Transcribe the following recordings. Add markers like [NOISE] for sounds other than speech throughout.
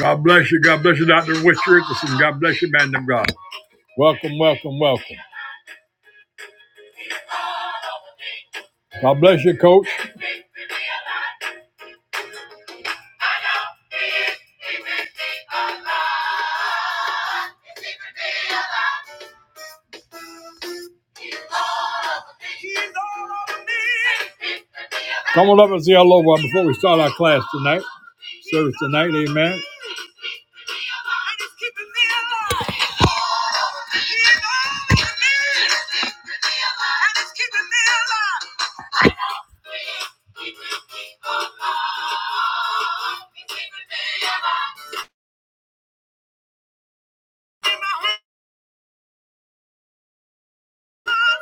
God bless you. God bless you, Dr. Wish Richardson. God bless you, man of God. Welcome, welcome, welcome. God bless you, coach. Come on up and say hello uh, before we start our class tonight. Service tonight, amen. I know,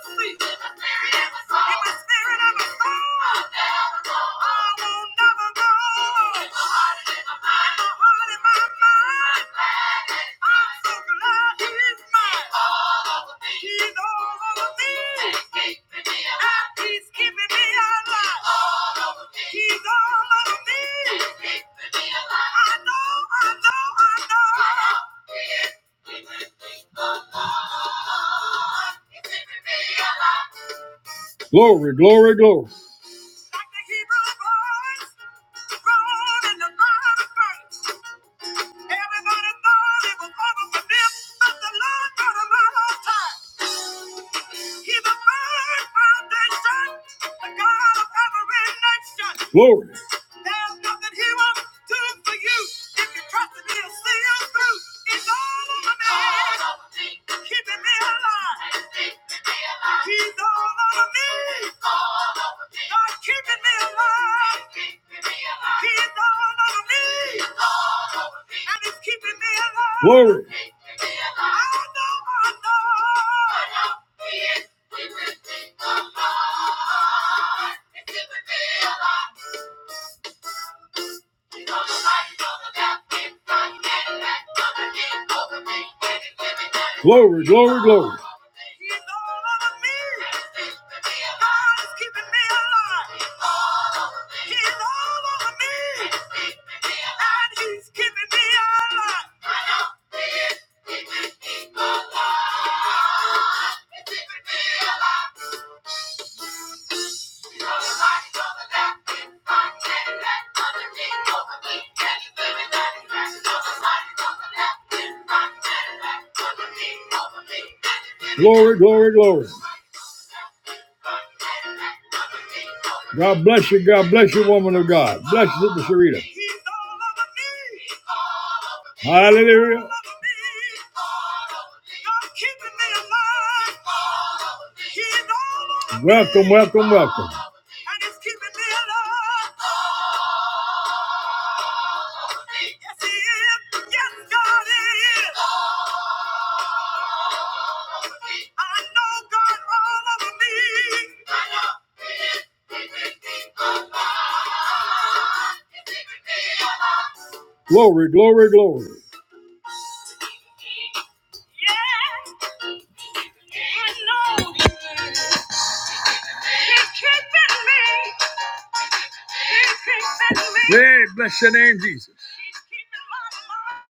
I know, I know. [LAUGHS] Glory, glory, glory. Glory. There's nothing he won't do for you. If you trust him, he'll see you through. It's all over me. All over me. Keeping me alive. He's keeping me alive. He's all over me. He's all over me. God keeping me alive. He's keeping me alive. He's all over me. He's all over me. And he's keeping me alive. Glory. Thank you. Glory, glory, glory. Glory, glory, glory. God bless you. God bless you, woman of God. Bless you, Sister Sharita. Hallelujah. Welcome, welcome, welcome. Yes, he is. Yes, God is. I know God all over me. Glory, glory, glory. Yes, I know He's keeping me. He's keeping me. Hey, bless your name, Jesus. He's keeping my mind.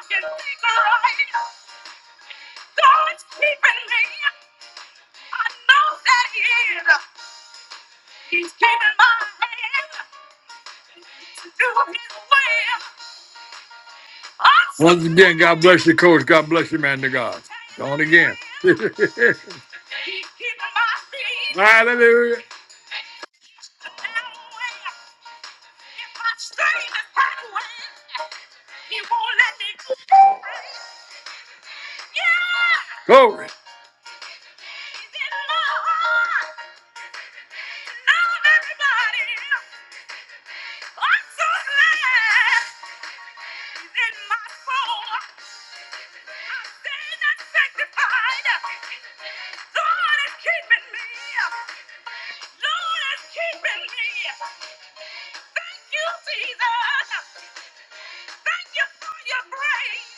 He's keeping right. God's keeping me. I know that He is. He's keeping my hand. Do His will. Once again, God bless you, coach. God bless you, man to God. on again. [LAUGHS] Hallelujah. Glory. Thank you, Jesus. Thank you for your grace.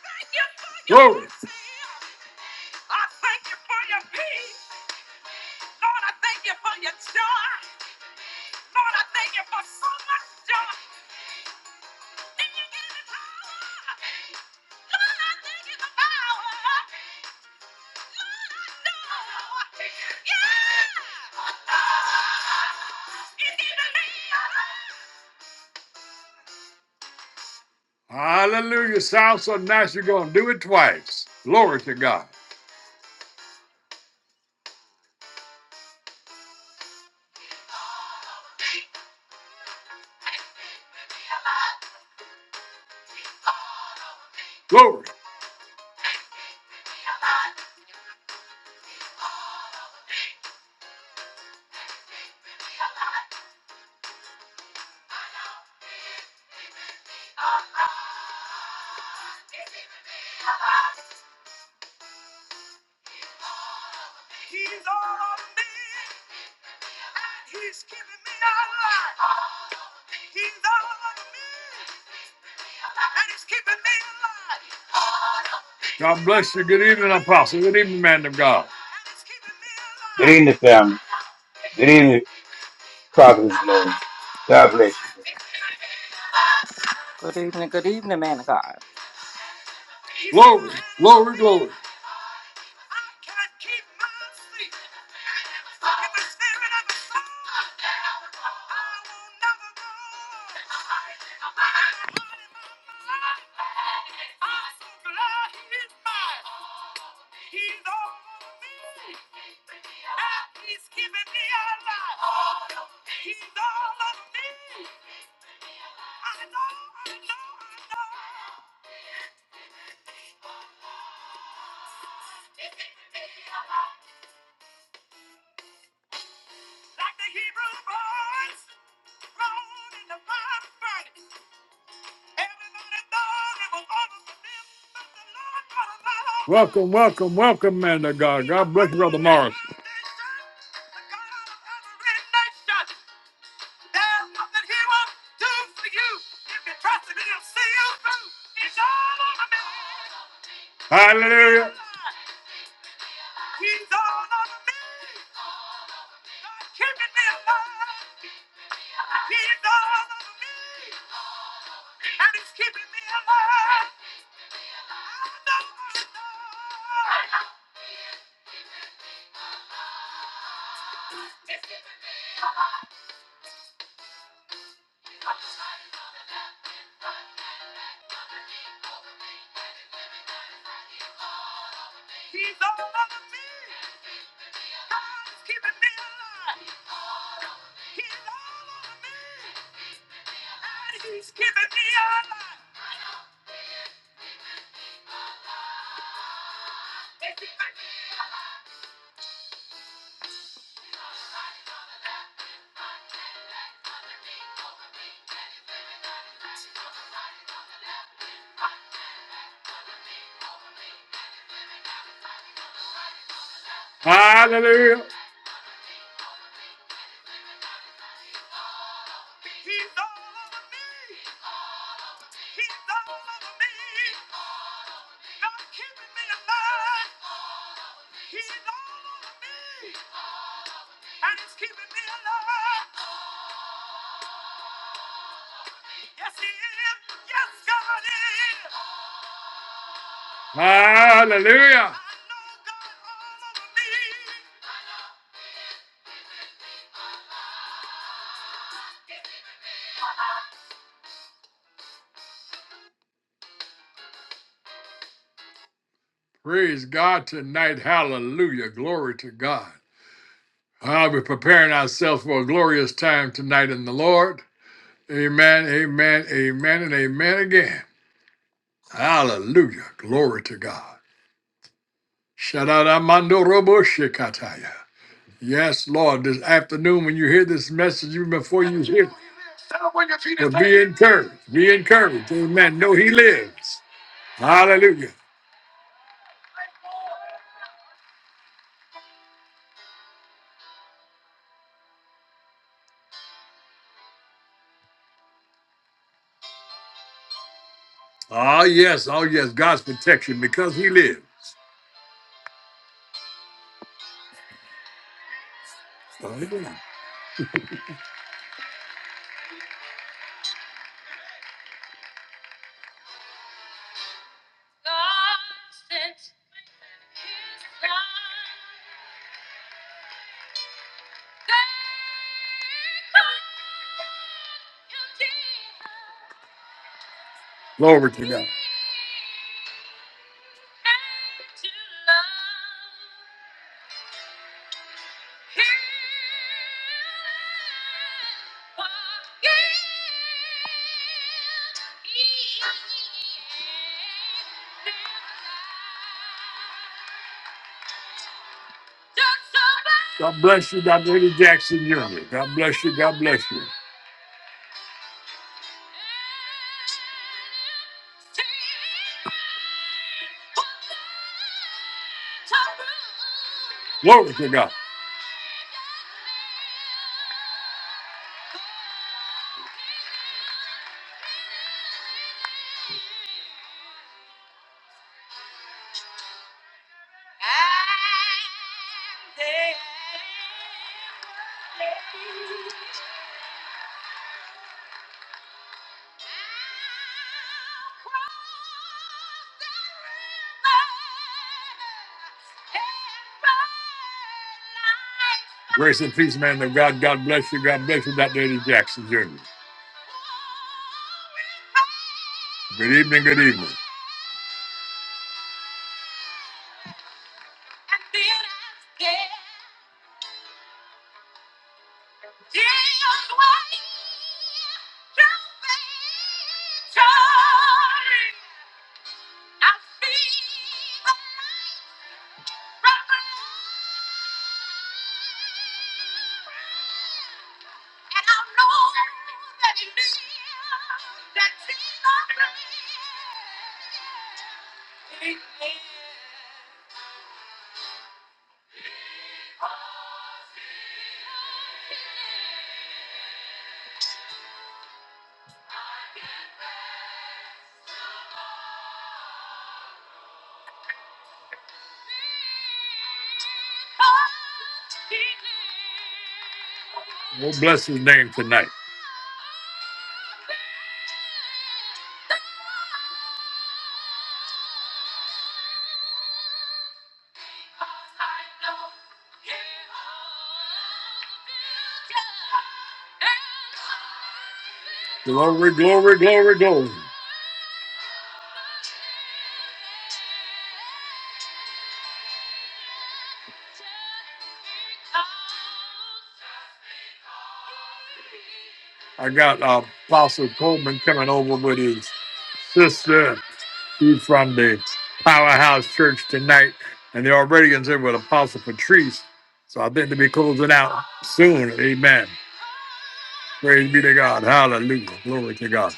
Thank you for your Glory. mercy. I thank you for your peace. Lord, I thank you for your joy. Lord, I thank you for so much joy. And you give me power. Lord, I thank you for power. Lord, I know. Yeah. Hallelujah. Sounds so nice. You're going to do it twice. Glory to God. Glory. He's all of me. He's keeping me alive. He's all over me, and he's keeping me alive. God bless you. Good evening, Apostle. Good evening, man of God. And he's Good evening, family. Good evening, Prophet's Glory. God bless you. Good evening, good evening, man of God. keeping me alive. He's Glory, keeping me glory, alive. glory. alive. I can't keep my sleep. If the spirit of the Son, I will never go. I'm so glad he's mine. He's all over me. He's keeping me alive. He's all over me. I know, I know, I know. Like the Hebrew boys thrown in the fire burning. Everybody thought it was over for them, but the Lord brought a lot Welcome, welcome, welcome, man of God. God bless you, Brother Morris. There's nothing he won't do for you. If you trust him, he'll see you through. He's all over me. Hallelujah. He's all over me. He's keeping me alive. He loves me, and he's keeping me alive. I know, I know. He's all over me, and he's keeping me alive. He's all over me, and he's keeping me alive. Hallelujah. He's all over me. He's all over me. God's keeping me alive. He's all over me, and he's keeping me alive. Yes, he is. Yes, God is. Hallelujah. Praise God tonight. Hallelujah. Glory to God. I'll be preparing ourselves for a glorious time tonight in the Lord. Amen, amen, amen, and amen again. Hallelujah. Glory to God. Shadaramando robo shikataya. Yes, Lord, this afternoon when you hear this message, even before you hear it, but be encouraged. Be encouraged. Amen. Know he lives. Hallelujah. Oh, yes. Oh, yes. God's protection because he lives. Hallelujah. Glory to God. God bless you, Dr. Eddie Jackson Jr. God bless you. God bless you. Glory to God. Grace and peace, man of God. God bless you. God bless you, Dr. Eddie Jackson Jr. Good evening. Good evening. We'll bless his name tonight. Glory, glory, glory, glory. I got uh, Apostle Coleman coming over with his sister. She's from the Powerhouse Church tonight, and they're already in there with Apostle Patrice. So I think they'll be closing out soon. Amen. Praise be to God. Hallelujah. Glory to God.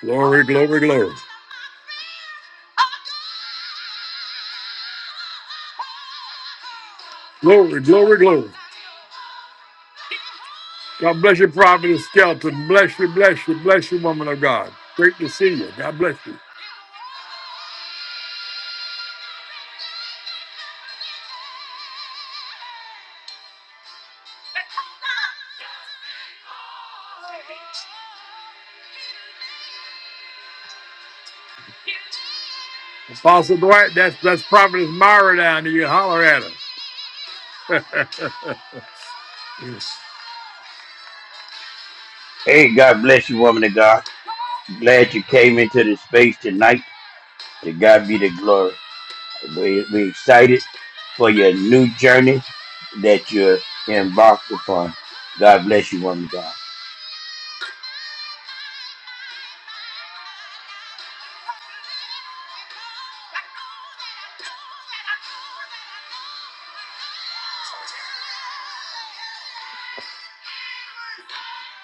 Glory, glory, glory. Glory, glory, glory. God bless you, Prophet Skelton. Bless you, bless you, bless you, woman of God. Great to see you. God bless you. Apostle Dwight, that's that's Providence Myra down there. You holler at her. Hey, God bless you, woman of God. Glad you came into this space tonight. To God be the glory. We we excited for your new journey that you're embarked upon. God bless you, woman of God.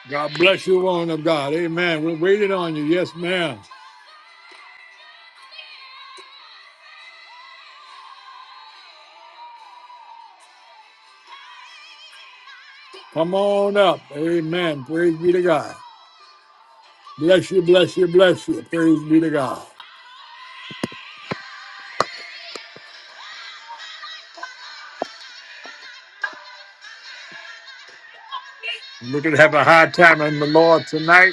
God bless you, woman of God. Amen. We're waiting on you. Yes, ma'am. Come on up. Amen. Praise be to God. Bless you, bless you, bless you. Praise be to God. We're going to have a high time in the Lord tonight,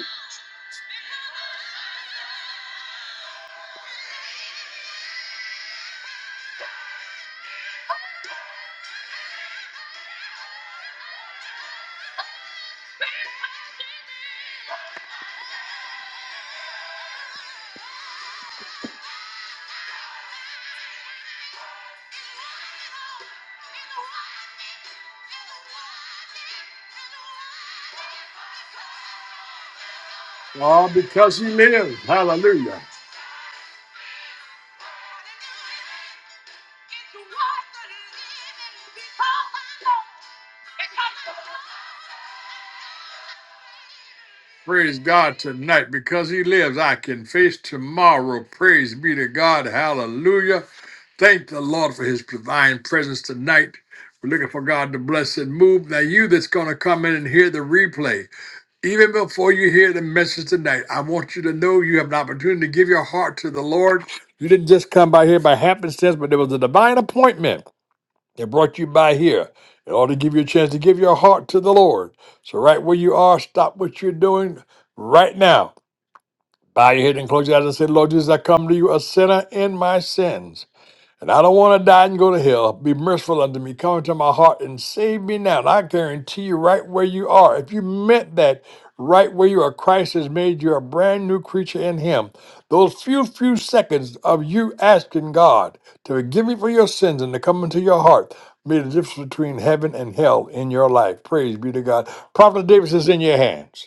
all because He lives. Hallelujah. Praise God tonight. Because he lives, I can face tomorrow. Praise be to God. Hallelujah. Thank the Lord for his divine presence tonight. We're looking for God to bless and move. Now, you that's going to come in and hear the replay, even before you hear the message tonight, I want you to know you have an opportunity to give your heart to the Lord. You didn't just come by here by happenstance, but there was a divine appointment. They brought you by here in order to give you a chance to give your heart to the Lord. So, right where you are, stop what you're doing right now. Bow your head and close your eyes and say, Lord Jesus, I come to you a sinner in my sins. And I don't want to die and go to hell. Be merciful unto me. Come into my heart and save me now. And I guarantee you, right where you are, if you meant that, right where you are, Christ has made you a brand new creature in Him. Those few, few seconds of you asking God to forgive you for your sins and to come into your heart made the difference between heaven and hell in your life. Praise be to God. Prophet Davis is in your hands.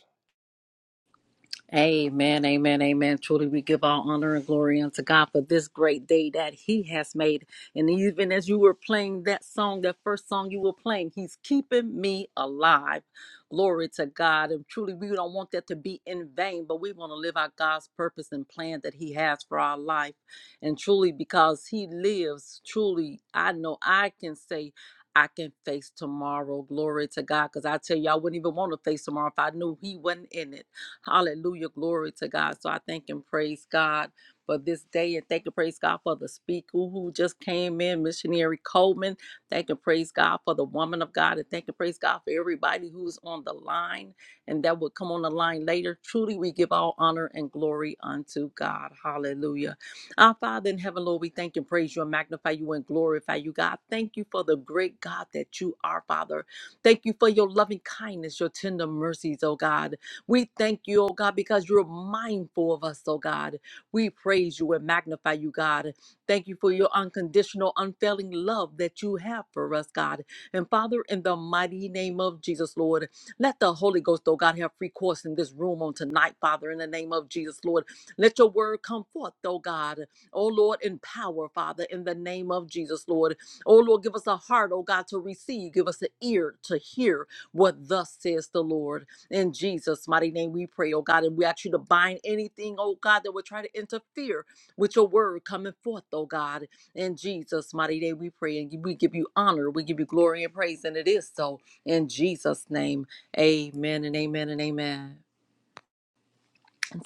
Amen, amen, amen. Truly, we give all honor and glory unto God for this great day that He has made. And even as you were playing that song, that first song you were playing, He's keeping me alive. Glory to God. And truly, we don't want that to be in vain, but we want to live out God's purpose and plan that He has for our life. And truly, because He lives, truly, I know I can say, I can face tomorrow. Glory to God. Because I tell you, I wouldn't even want to face tomorrow if I knew He wasn't in it. Hallelujah. Glory to God. So I thank and praise God for this day and thank and praise God for the speaker who just came in, missionary Coleman. Thank and praise God for the woman of God and thank and praise God for everybody who's on the line and that will come on the line later. Truly, we give all honor and glory unto God. Hallelujah. Our Father in heaven, Lord, we thank and praise you and magnify you and glorify you, God. Thank you for the great God that you are, Father. Thank you for your loving kindness, your tender mercies, oh God. We thank you, oh God, because you're mindful of us, oh God. We praise you and magnify you, God. Thank you for your unconditional, unfailing love that you have for us, God. And Father, in the mighty name of Jesus, Lord, let the Holy Ghost, oh God, have free course in this room on tonight, Father, in the name of Jesus, Lord. Let your word come forth, oh God. Oh Lord, in power, Father, in the name of Jesus, Lord. Oh Lord, give us a heart, oh God, to receive. Give us an ear to hear what thus says the Lord. In Jesus' mighty name, we pray, oh God, and we ask you to bind anything, oh God, that would try to interfere with your word coming forth, oh God. In Jesus' mighty name, we pray, and we give you honor, we give you glory and praise, and it is so. In Jesus' name, amen and amen and amen.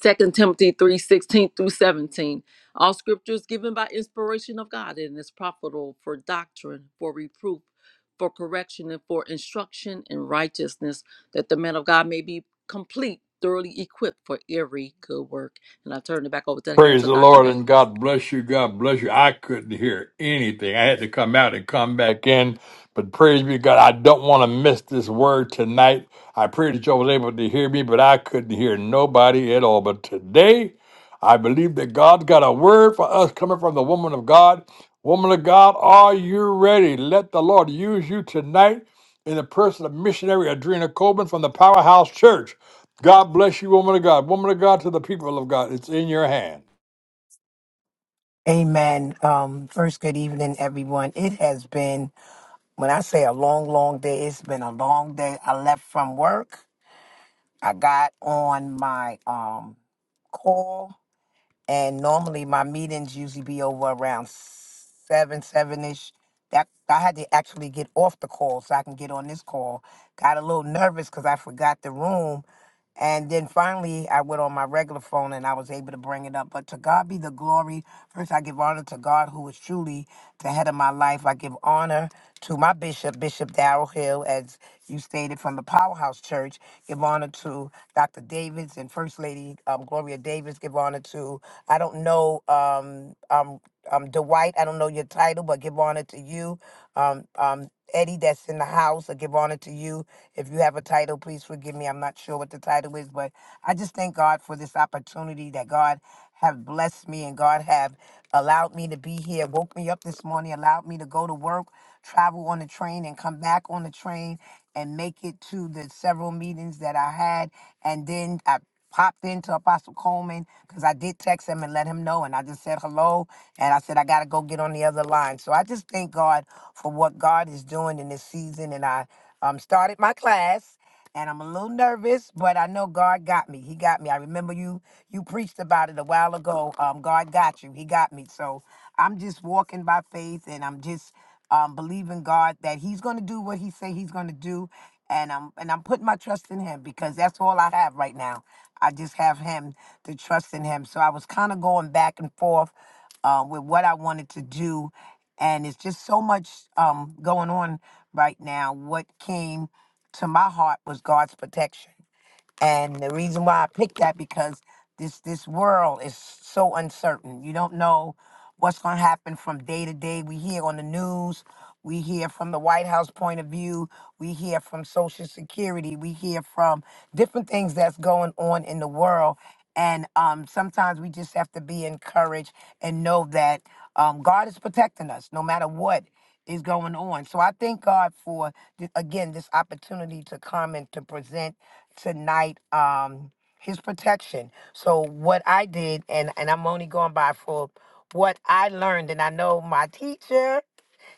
Second Timothy 3 16 through 17. All scripture is given by inspiration of God and is profitable for doctrine, for reproof, for correction, and for instruction in righteousness, that the man of God may be complete, thoroughly equipped for every good work. And I turn it back over to the hands Praise of the Dr. Lord and Davis. God bless you. God bless you. I couldn't hear anything. I had to come out and come back in. But praise be God. I don't want to miss this word tonight. I pray that y'all was able to hear me, but I couldn't hear nobody at all. But today, I believe that God's got a word for us coming from the woman of God. Woman of God, are you ready? Let the Lord use you tonight in the person of missionary Adrena Coleman from the Powerhouse Church. God bless you, woman of God. Woman of God to the people of God. It's in your hand. Amen. Um, first, good evening, everyone. It has been, when I say a long, long day, it's been a long day. I left from work. I got on my um call, and normally my meetings usually be over around seven, seven ish. That I had to actually get off the call so I can get on this call. Got a little nervous because I forgot the room, and then finally, I went on my regular phone and I was able to bring it up. But to God be the glory. First, I give honor to God, who is truly the head of my life. I give honor to my bishop, Bishop Darrell Hill, as you stated from the Powerhouse Church. Give honor to Dr. Davis and First Lady um, Gloria Davis. Give honor to, I don't know, um, um, um, Dwight, I don't know your title, but give honor to you. Um, um, Eddie, that's in the house, I give honor to you. If you have a title, please forgive me. I'm not sure what the title is, but I just thank God for this opportunity that God have blessed me and God have allowed me to be here, woke me up this morning, allowed me to go to work, travel on the train, and come back on the train and make it to the several meetings that I had. And then I popped into Apostle Coleman because I did text him and let him know. And I just said hello. And I said, I got to go get on the other line. So I just thank God for what God is doing in this season. And I um, started my class. And I'm a little nervous, but I know God got me. He got me. I remember you you preached about it a while ago. Um, God got you. He got me. So I'm just walking by faith, and I'm just um, believing God that He's going to do what He say He's going to do, and I'm and I'm putting my trust in Him because that's all I have right now. I just have him to trust in him. So I was kind of going back and forth uh, with what I wanted to do, and it's just so much um, going on right now. What came to my heart was God's protection, and the reason why I picked that because this this world is so uncertain. You don't know what's going to happen from day to day. We hear on the news, we hear from the White House point of view, we hear from Social Security, we hear from different things that's going on in the world. And um, sometimes we just have to be encouraged and know that um, God is protecting us no matter what is going on. So I thank God for, th- again, this opportunity to come and to present tonight. Um, his protection. So what I did, and and I'm only going by for what I learned, and I know my teacher,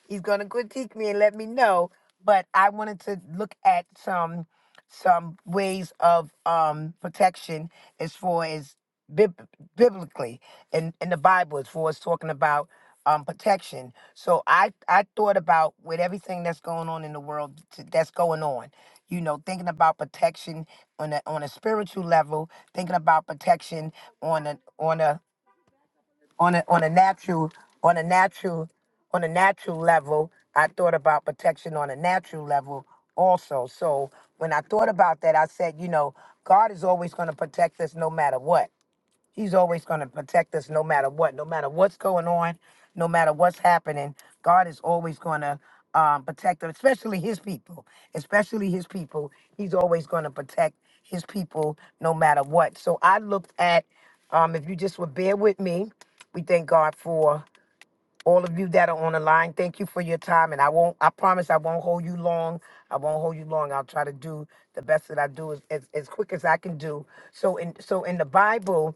he's gonna critique me and let me know. But I wanted to look at some some ways of um protection as far as bib- biblically in in the Bible as far as talking about um protection. So I I thought about with everything that's going on in the world t- that's going on, you know, thinking about protection on a on a spiritual level, thinking about protection on a on a on a on a natural on a natural on a natural level i thought about protection on a natural level also so when i thought about that i said you know god is always going to protect us no matter what He's always going to protect us no matter what, no matter what's going on, no matter what's happening. God is always going to um, protect us, especially his people, especially his people. He's always going to protect his people no matter what. So I looked at, um, if you just would bear with me, we thank God for all of you that are on the line thank you for your time and i won't i promise i won't hold you long i won't hold you long i'll try to do the best that i do as, as, as quick as i can do so in so in the bible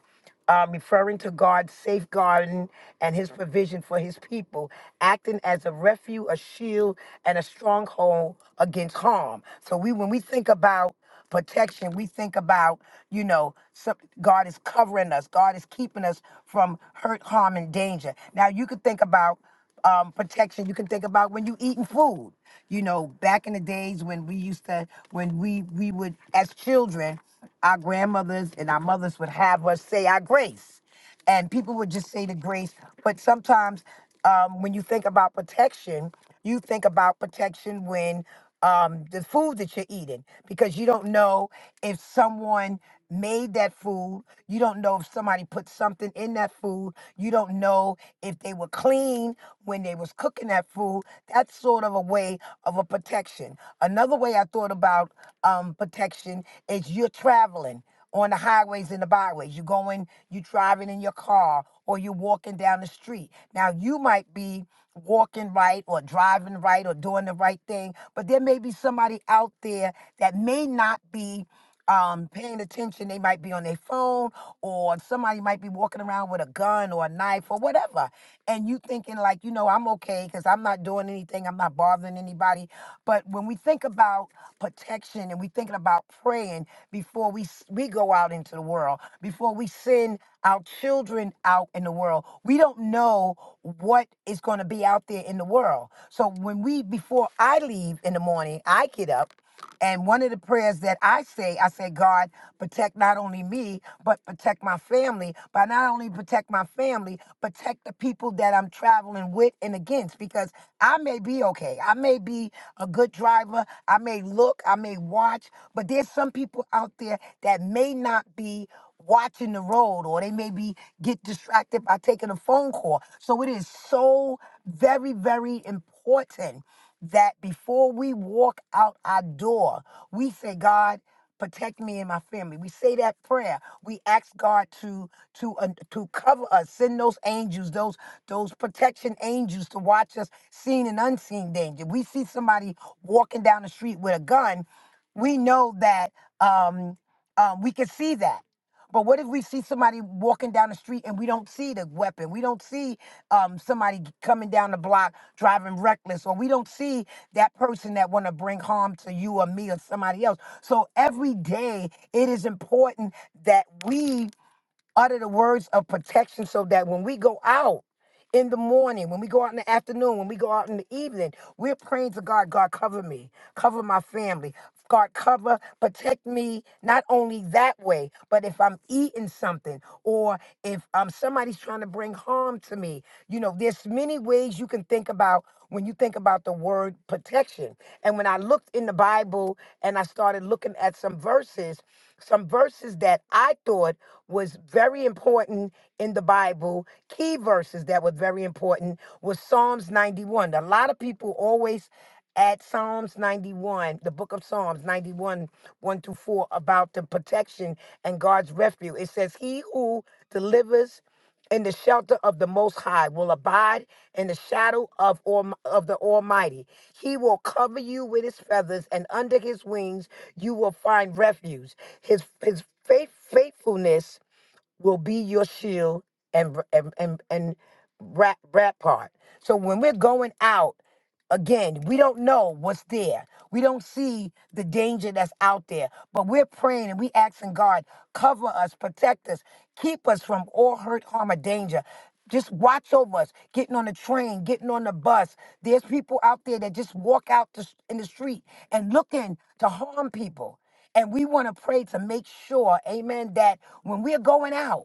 um, referring to god's safeguarding and his provision for his people acting as a refuge a shield and a stronghold against harm so we when we think about protection. We think about, you know, some, God is covering us. God is keeping us from hurt, harm, and danger. Now you could think about um, protection. You can think about when you eating food. You know, back in the days when we used to, when we we would as children, our grandmothers and our mothers would have us say our grace and people would just say the grace. But sometimes um, when you think about protection, you think about protection when um, the food that you're eating, because you don't know if someone made that food. You don't know if somebody put something in that food. You don't know if they were clean when they was cooking that food. That's sort of a way of a protection. Another way I thought about um, protection is you're traveling on the highways and the byways. You're going, you're driving in your car or you're walking down the street. Now, you might be walking right or driving right or doing the right thing, but there may be somebody out there that may not be um, paying attention. They might be on their phone or somebody might be walking around with a gun or a knife or whatever. and you thinking like, you know, I'm okay because I'm not doing anything, I'm not bothering anybody. But when we think about protection and we thinking about praying before we s- we go out into the world, before we send our children out in the world, we don't know what is going to be out there in the world. So when we before I leave in the morning, I get up and one of the prayers that I say, I say, God, protect not only me, but protect my family. But not only protect my family, protect the people that I'm traveling with and against, because I may be okay. I may be a good driver. I may look, I may watch, but there's some people out there that may not be watching the road or they may be get distracted by taking a phone call. So it is so very, very important that before we walk out our door, we say, God, protect me and my family. We say that prayer. We ask God to to uh, to cover us, send those angels, those those protection angels to watch us seen and unseen danger. We see somebody walking down the street with a gun, we know that um, um, we can see that. But what if we see somebody walking down the street and we don't see the weapon? We don't see um, somebody coming down the block driving reckless or we don't see that person that want to bring harm to you or me or somebody else so every day it is important that we utter the words of protection so that when we go out in the morning, when we go out in the afternoon, when we go out in the evening, we're praying to God, God, cover me, cover my family. God, cover, protect me, not only that way, but if I'm eating something or if um, somebody's trying to bring harm to me. You know, there's many ways you can think about when you think about the word protection. And when I looked in the Bible and I started looking at some verses, some verses that I thought was very important in the Bible, key verses that were very important was Psalms 91. A lot of people always add Psalms 91, the book of Psalms 91, 1 through 4, about the protection and God's refuge. It says, He who delivers in the shelter of the Most High, will abide in the shadow of, Alm- of the Almighty. He will cover you with his feathers, and under his wings you will find refuge. His, his faith, faithfulness will be your shield and, and, and, and rap, rampart. So when we're going out, Again, we don't know what's there. We don't see the danger that's out there, but we're praying and we asking God, cover us, protect us, keep us from all hurt, harm, or danger. Just watch over us, getting on the train, getting on the bus. There's people out there that just walk out the, in the street and looking to harm people. And we want to pray to make sure, amen, that when we're going out,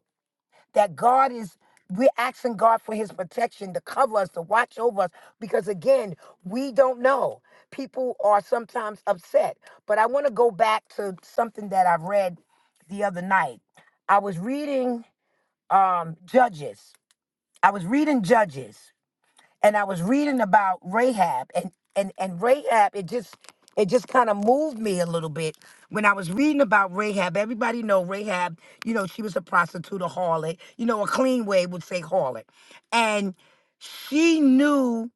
that God is we're asking God for his protection to cover us, to watch over us, because again, we don't know. People are sometimes upset. But I want to go back to something that I read the other night. I was reading um Judges. I was reading Judges and I was reading about Rahab and and and Rahab it just it just kind of moved me a little bit when I was reading about Rahab. Everybody know Rahab, you know, she was a prostitute, a harlot, you know, a clean way would say harlot. And she knew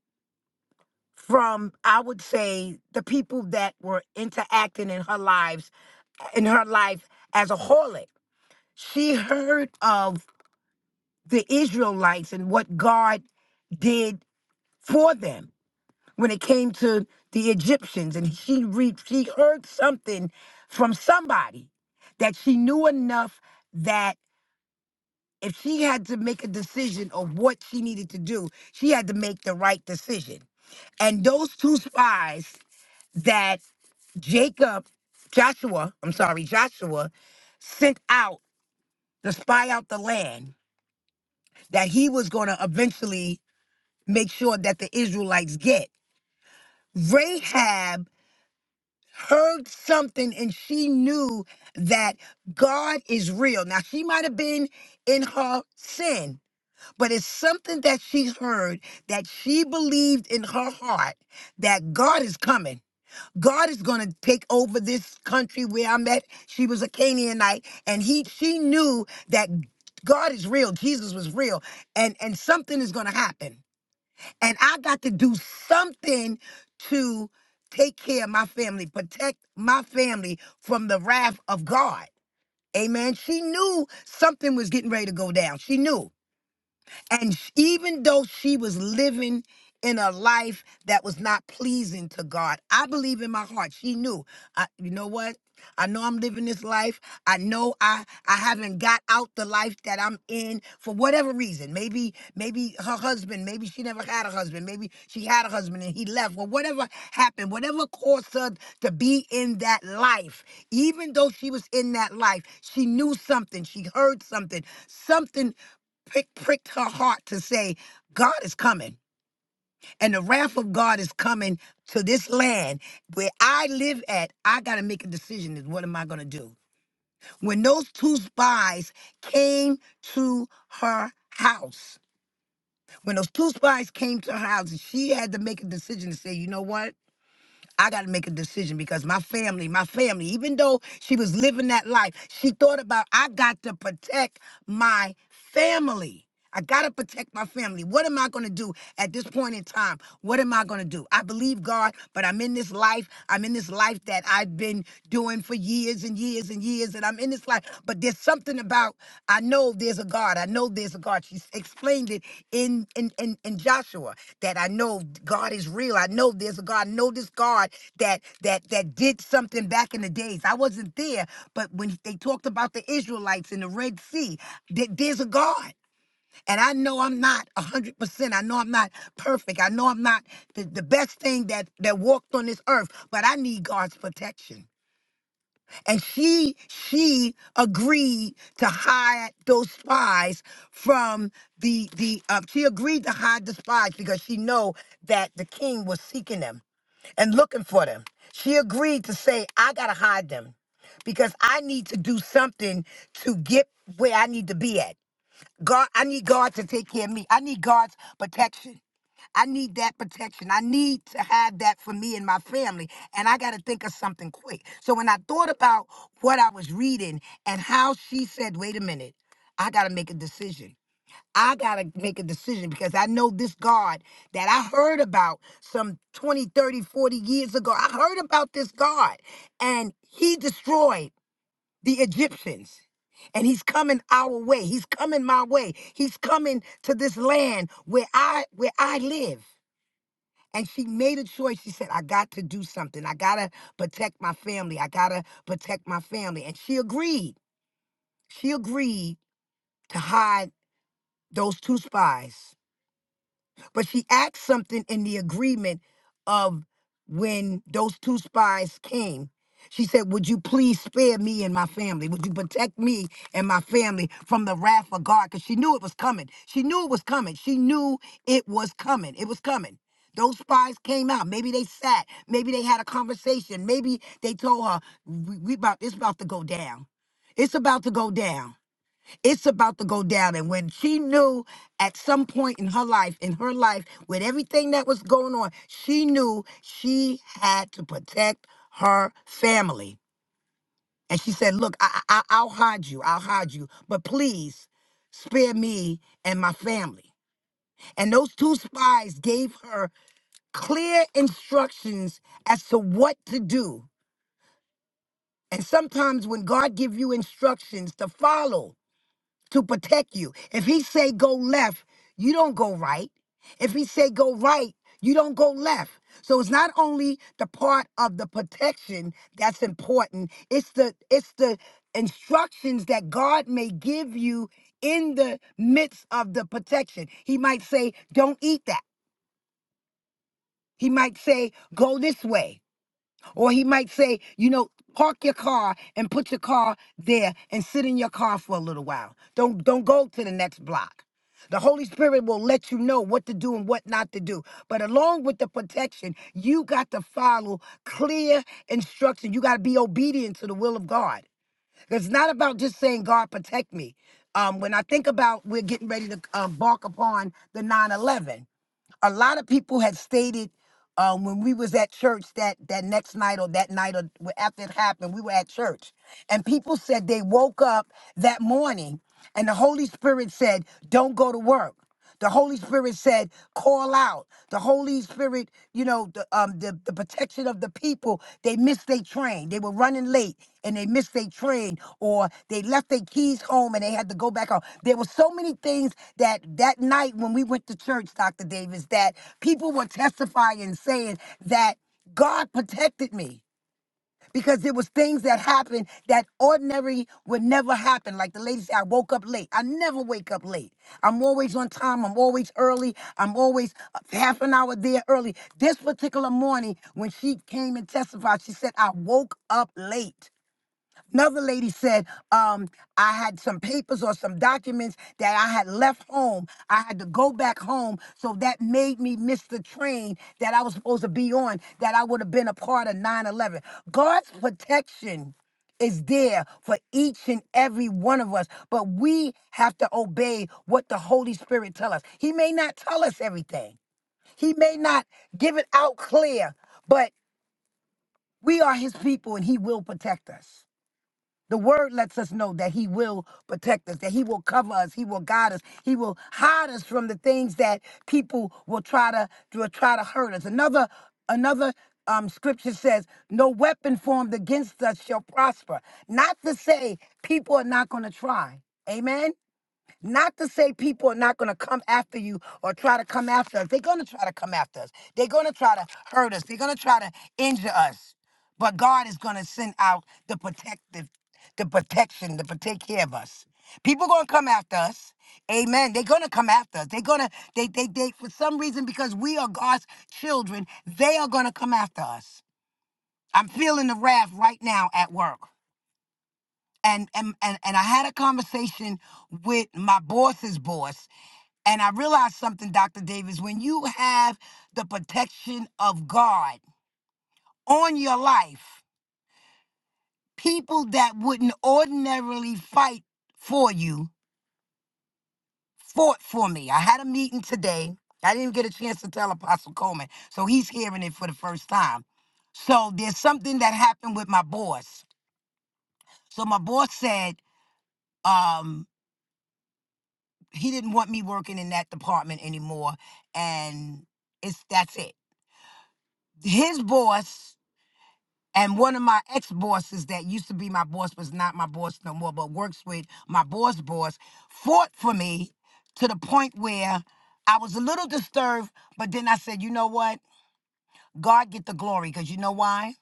from I would say the people that were interacting in her lives in her life as a harlot. She heard of the Israelites and what God did for them when it came to the Egyptians, and she re- she heard something from somebody that she knew enough that if she had to make a decision of what she needed to do, she had to make the right decision. And those two spies that Jacob, Joshua, I'm sorry, Joshua sent out to spy out the land that he was going to eventually make sure that the Israelites get. Rahab heard something and she knew that God is real. Now, she might have been in her sin, but it's something that she heard that she believed in her heart that God is coming. God is going to take over this country where I'm at. She was a Canaanite and he she knew that God is real. Jesus was real and and something is going to happen and I got to do something to take care of my family, protect my family from the wrath of God. Amen. She knew something was getting ready to go down. She knew. And sh- even though she was living in a life that was not pleasing to God, I believe in my heart she knew. I, you know what? I know I'm living this life. I know I I haven't got out the life that I'm in for whatever reason. Maybe maybe her husband, maybe she never had a husband, maybe she had a husband and he left. Well, whatever happened, whatever caused her to be in that life, even though she was in that life, she knew something, she heard something, something prick, pricked her heart to say, God is coming. And the wrath of God is coming to this land where I live at. I got to make a decision is what am I going to do? When those two spies came to her house, when those two spies came to her house, she had to make a decision to say, you know what? I got to make a decision because my family, my family, even though she was living that life, she thought about, I got to protect my family. I got to protect my family. What am I going to do at this point in time? What am I going to do? I believe God, but I'm in this life. I'm in this life that I've been doing for years and years and years, and I'm in this life. But there's something about I know there's a God. I know there's a God. She explained it in in in, in Joshua that I know God is real. I know there's a God. I know this God that that that did something back in the days. I wasn't there, but when they talked about the Israelites in the Red Sea, that there's a God. And I know I'm not 100%. I know I'm not perfect. I know I'm not the, the best thing that, that walked on this earth, but I need God's protection. And she she agreed to hide those spies from the the uh, she agreed to hide the spies because she know that the king was seeking them and looking for them. She agreed to say, I gotta hide them because I need to do something to get where I need to be at. God, I need God to take care of me. I need God's protection. I need that protection. I need to have that for me and my family. And I got to think of something quick. So when I thought about what I was reading and how she said, wait a minute, I got to make a decision. I got to make a decision because I know this God that I heard about some 20, 30, 40 years ago. I heard about this God and he destroyed the Egyptians. And he's coming our way. He's coming my way. He's coming to this land where I where I live. And she made a choice. She said, I got to do something. I gotta protect my family. I gotta protect my family. And she agreed. She agreed to hide those two spies But she asked something in the agreement of when those two spies came. She said, Would you please spare me and my family? Would you protect me and my family from the wrath of God? Because she knew it was coming. She knew it was coming. She knew it was coming. It was coming. Those spies came out. Maybe they sat. Maybe they had a conversation. Maybe they told her, we, we about it's about to go down. It's about to go down it's about to go down. And when she knew at some point in her life, in her life, with everything that was going on, she knew she had to protect her family. And she said, Look, I, I, I- will hide you, I'll hide you, but please spare me and my family. And those two spies gave her clear instructions as to what to do. And sometimes when God give you instructions to follow, to protect you. If he say go left, you don't go right. If he say go right, you don't go left. So it's not only the part of the protection that's important, it's the it's the instructions that God may give you in the midst of the protection. He might say, "Don't eat that." He might say, "Go this way." Or he might say, you know, park your car and put your car there and sit in your car for a little while. Don't don't go to the next block. The Holy Spirit will let you know what to do and what not to do. But along with the protection, you got to follow clear instruction. You got to be obedient to the will of God. It's not about just saying, God, protect me. Um, when I think about we're getting ready to uh, bark upon the 9 11, a lot of people had stated um, when we was at church that that next night or that night or wh- after it happened, we were at church, and people said they woke up that morning, and the Holy Spirit said, "Don't go to work." The Holy Spirit said, "Call out." The Holy Spirit, you know, the, um, the, the protection of the people, they missed their train. They were running late and they missed their train or they left their keys home and they had to go back home. There were so many things that that night when we went to church, Dr. Davis, that people were testifying saying that God protected me because it was things that happened that ordinary would never happen. Like the lady said, I woke up late. I never wake up late. I'm always on time. I'm always early. I'm always half an hour there early. This particular morning, when she came and testified, she said, I woke up late. Another lady said, um, I had some papers or some documents that I had left home. I had to go back home. So that made me miss the train that I was supposed to be on, that I would have been a part of 9 11. God's protection is there for each and every one of us but we have to obey what the holy spirit tell us he may not tell us everything he may not give it out clear but we are his people and he will protect us the word lets us know that he will protect us, that he will cover us, he will guide us, he will hide us from the things that people will try to will try to hurt us. Another another um, scripture says, "No weapon formed against us shall prosper." Not to say people are not going to try. Amen. Not to say people are not going to come after you or try to come after us. They're going to try to come after us. They're going to try to hurt us. They're going to try to injure us. But God is going to send out the protective, the protection to take care of us. People going to come after us. Amen. They're going to come after us. They're going to, they, they, they, for some reason, because we are God's children, they are going to come after us. I'm feeling the wrath right now at work. And, and, and, and I had a conversation with my boss's boss and I realized something, Dr. Davis, when you have the protection of God on your life, people that wouldn't ordinarily fight for you fought for me. I had a meeting today. I didn't get a chance to tell Apostle Coleman, so he's hearing it for the first time. So there's something that happened with my boss. So my boss said um, he didn't want me working in that department anymore, and it's that's it. His boss And one of my ex bosses that used to be my boss was not my boss no more, but works with my boss boss, fought for me to the point where I was a little disturbed, but then I said, you know what? God get the glory, because you know why?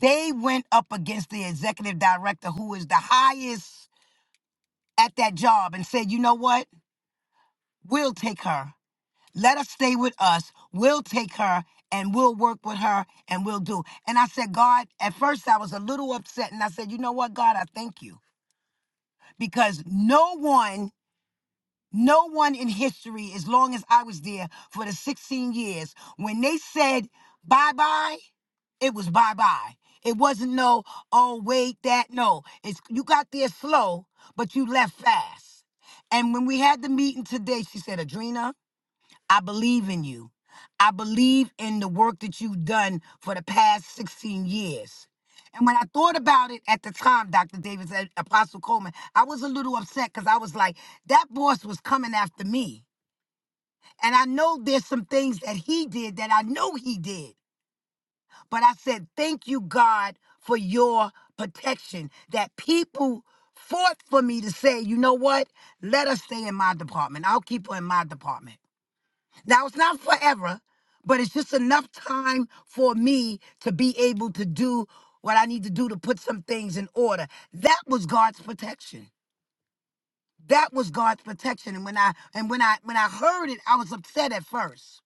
They went up against the executive director who is the highest at that job and said, you know what? We'll take her. Let her stay with us. We'll take her and we'll work with her and we'll do. And I said, God, at first I was a little upset and I said, you know what, God, I thank you because no one. No one in history, as long as I was there for the 16 years, when they said bye bye, it was bye bye. It wasn't no, oh, wait, that. No, it's you got there slow, but you left fast. And when we had the meeting today, she said, Adrena, I believe in you. I believe in the work that you've done for the past 16 years. And when I thought about it at the time, Dr. Davis, uh, Apostle Coleman, I was a little upset because I was like, that boss was coming after me. And I know there's some things that he did that I know he did. But I said, thank you, God, for your protection that people fought for me to say, you know what? Let us stay in my department. I'll keep her in my department. Now it's not forever, but it's just enough time for me to be able to do what I need to do to put some things in order. That was God's protection. That was God's protection. And when I and when I when I heard it, I was upset at first.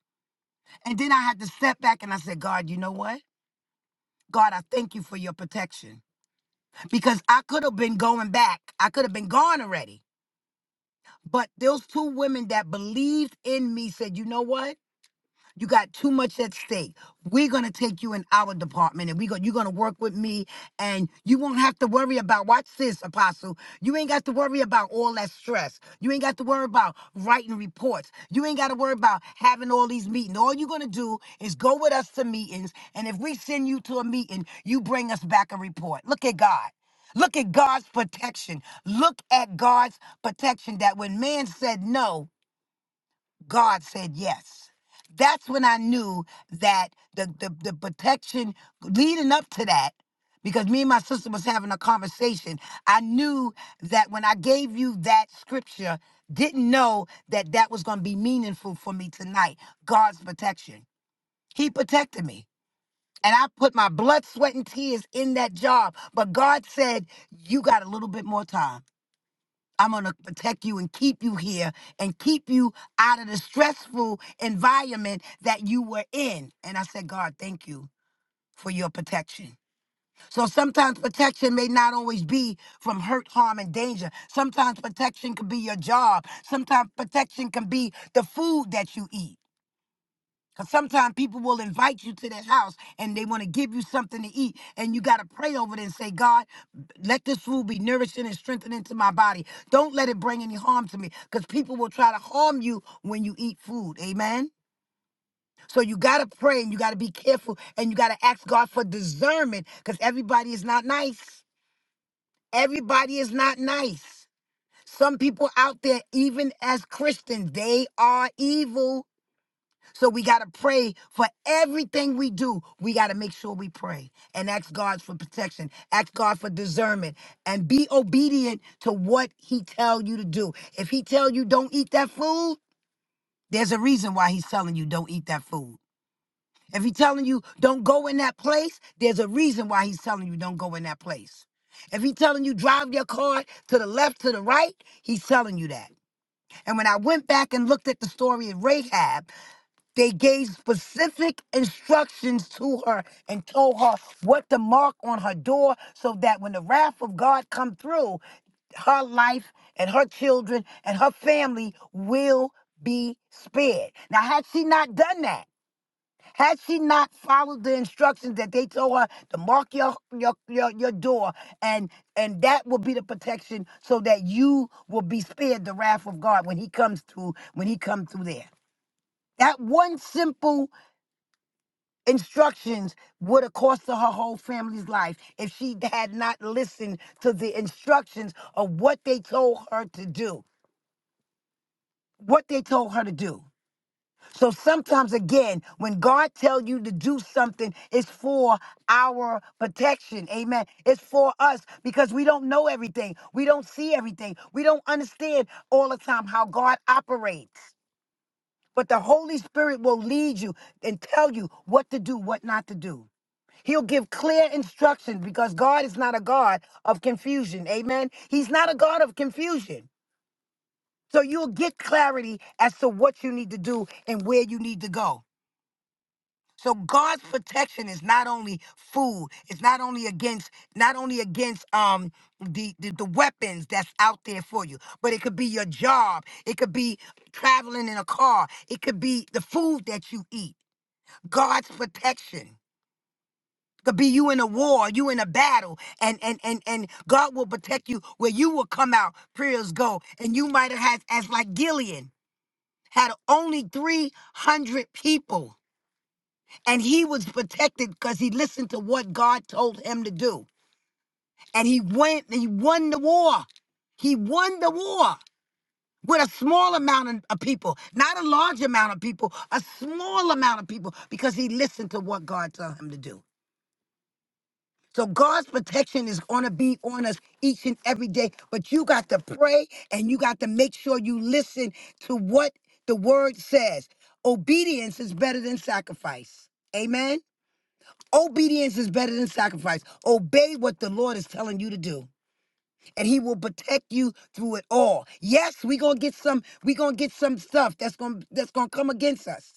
And then I had to step back and I said, God, you know what? God, I thank you for your protection. Because I could have been going back. I could have been gone already. But those two women that believed in me said, you know what? You got too much at stake. We're gonna take you in our department, and we go. You're gonna work with me, and you won't have to worry about. Watch this, Apostle. You ain't got to worry about all that stress. You ain't got to worry about writing reports. You ain't got to worry about having all these meetings. All you're gonna do is go with us to meetings, and if we send you to a meeting, you bring us back a report. Look at God. Look at God's protection. Look at God's protection that when man said no, God said yes. That's when I knew that the, the, the protection leading up to that, because me and my sister was having a conversation, I knew that when I gave you that scripture, didn't know that that was going to be meaningful for me tonight. God's protection. He protected me. And I put my blood, sweat, and tears in that job. But God said, You got a little bit more time. I'm going to protect you and keep you here and keep you out of the stressful environment that you were in. And I said, God, thank you for your protection. So sometimes protection may not always be from hurt, harm, and danger. Sometimes protection could be your job. Sometimes protection can be the food that you eat. Because sometimes people will invite you to their house and they want to give you something to eat. And you got to pray over it and say, God, let this food be nourishing and strengthening to my body. Don't let it bring any harm to me. Because people will try to harm you when you eat food. Amen. So you got to pray and you got to be careful and you got to ask God for discernment because everybody is not nice. Everybody is not nice. Some people out there, even as Christians, they are evil so we got to pray for everything we do. We got to make sure we pray and ask God for protection, ask God for discernment and be obedient to what he tell you to do. If he tell you don't eat that food, there's a reason why he's telling you don't eat that food. If he's telling you don't go in that place, there's a reason why he's telling you don't go in that place. If he's telling you drive your car to the left, to the right, he's telling you that. And when I went back and looked at the story of Rahab, they gave specific instructions to her and told her what to mark on her door so that when the wrath of God come through, her life and her children and her family will be spared. Now, had she not done that, had she not followed the instructions that they told her to mark your your your, your door and and that will be the protection so that you will be spared the wrath of God when he comes through when he comes through there. That one simple instructions would have cost her her whole family's life if she had not listened to the instructions of what they told her to do what they told her to do so sometimes again when god tells you to do something it's for our protection amen it's for us because we don't know everything we don't see everything we don't understand all the time how god operates but the holy spirit will lead you and tell you what to do what not to do He'll give clear instructions because God is not a God of confusion. Amen. He's not a God of confusion. So you'll get clarity as to what you need to do and where you need to go. So God's protection is not only food, it's not only against not only against um the, the the weapons that's out there for you, but it could be your job, it could be traveling in a car, it could be the food that you eat. God's protection. could be you in a war, you in a battle, and and and and God will protect you where you will come out. Prayers go, and you might have had as like Gideon had only three hundred people, and he was protected because he listened to what God told him to do, and he went and he won the war. He won the war with a small amount of of people, not a large amount of people, a small amount of people, because he listened to what God told him to do. So God's protection is going to be on us each and every day. But you got to pray and you got to make sure you listen to what the word says. Obedience is better than sacrifice. Amen. Obedience is better than sacrifice. Obey what the Lord is telling you to do, and He will protect you through it all. Yes, we gonna get some. We gonna get some stuff that's gonna that's gonna come against us.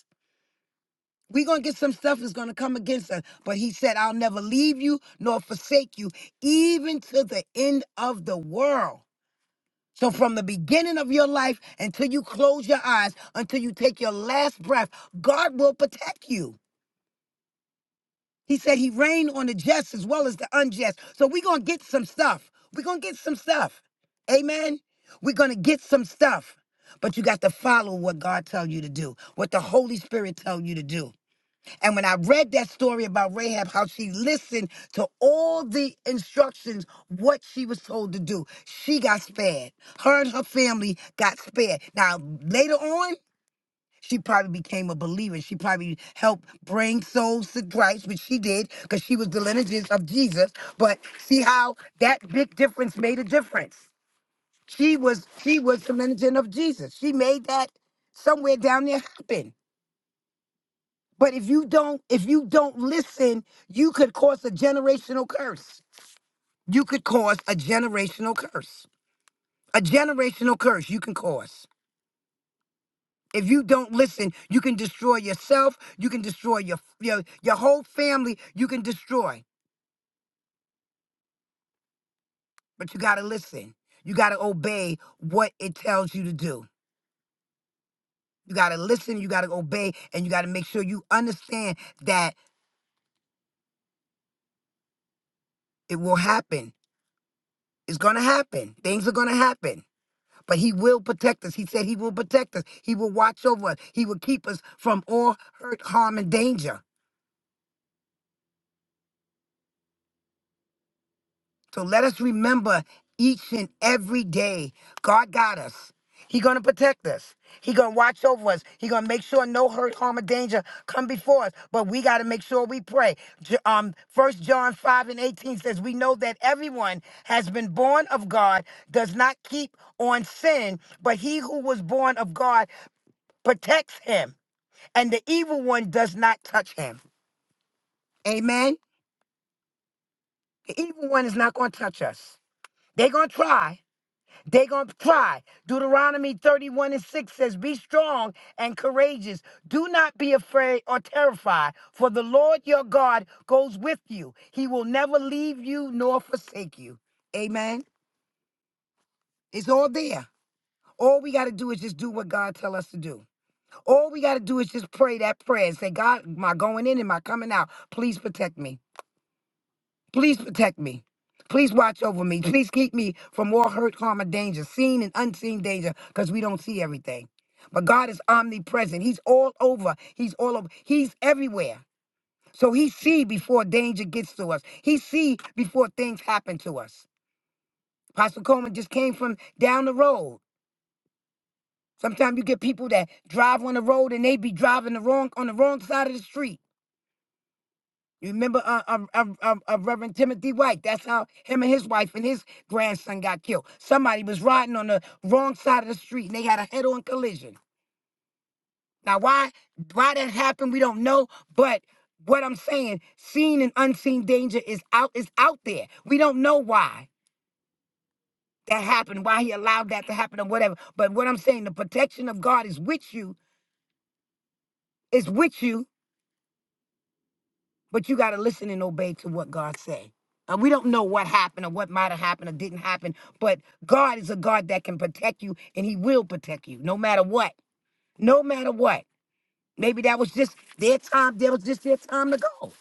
We're going to get some stuff that's going to come against us. But he said, I'll never leave you nor forsake you, even to the end of the world. So, from the beginning of your life until you close your eyes, until you take your last breath, God will protect you. He said he reigned on the just as well as the unjust. So, we're going to get some stuff. We're going to get some stuff. Amen. We're going to get some stuff. But you got to follow what God tells you to do, what the Holy Spirit tells you to do. And when I read that story about Rahab, how she listened to all the instructions, what she was told to do, she got spared. Her and her family got spared. Now, later on, she probably became a believer. She probably helped bring souls to Christ, which she did because she was the lineages of Jesus. But see how that big difference made a difference. She was she was the lineage of Jesus. She made that somewhere down there happen. But if you don't, if you don't listen, you could cause a generational curse. You could cause a generational curse. A generational curse you can cause. If you don't listen, you can destroy yourself, you can destroy your your, your whole family, you can destroy. But you got to listen. You got to obey what it tells you to do. You got to listen, you got to obey, and you got to make sure you understand that it will happen. It's going to happen. Things are going to happen. But he will protect us. He said he will protect us. He will watch over us. He will keep us from all hurt, harm, and danger. So let us remember each and every day, God got us. He gonna protect us. He gonna watch over us. He gonna make sure no hurt, harm, or danger come before us. But we gotta make sure we pray. J- Um, First John five and eighteen says, "We know that everyone has been born of God, does not keep on sin, but he who was born of God protects him." and the evil one does not touch him. Amen. The evil one is not going to touch us. They're going to try. They're going to try. Deuteronomy 31 and 6 says, Be strong and courageous. Do not be afraid or terrified, for the Lord your God goes with you. He will never leave you nor forsake you. Amen. It's all there. All we got to do is just do what God tell us to do. All we got to do is just pray that prayer and say, God, my going in and my coming out, please protect me. Please protect me. Please watch over me. Please keep me from all hurt, harm, or danger, seen and unseen danger, because we don't see everything. But God is omnipresent. He's all over. He's all over. He's everywhere. So he see before danger gets to us. He see before things happen to us. Pastor Coleman just came from down the road. Sometimes you get people that drive on the road and they be driving the wrong on the wrong side of the street. You remember uh, uh, uh, uh, uh, Reverend Timothy White? That's how him and his wife and his grandson got killed. Somebody was riding on the wrong side of the street and they had a head-on collision. Now, why why that happened, we don't know. But what I'm saying, seen and unseen danger is out is out there. We don't know why that happened, why he allowed that to happen, or whatever. But what I'm saying, the protection of God is with you. Is with you but you got to listen and obey to what God say. And we don't know what happened or what might have happened or didn't happen, but God is a God that can protect you and he will protect you no matter what. No matter what. Maybe that was just their time, that was just their time to go.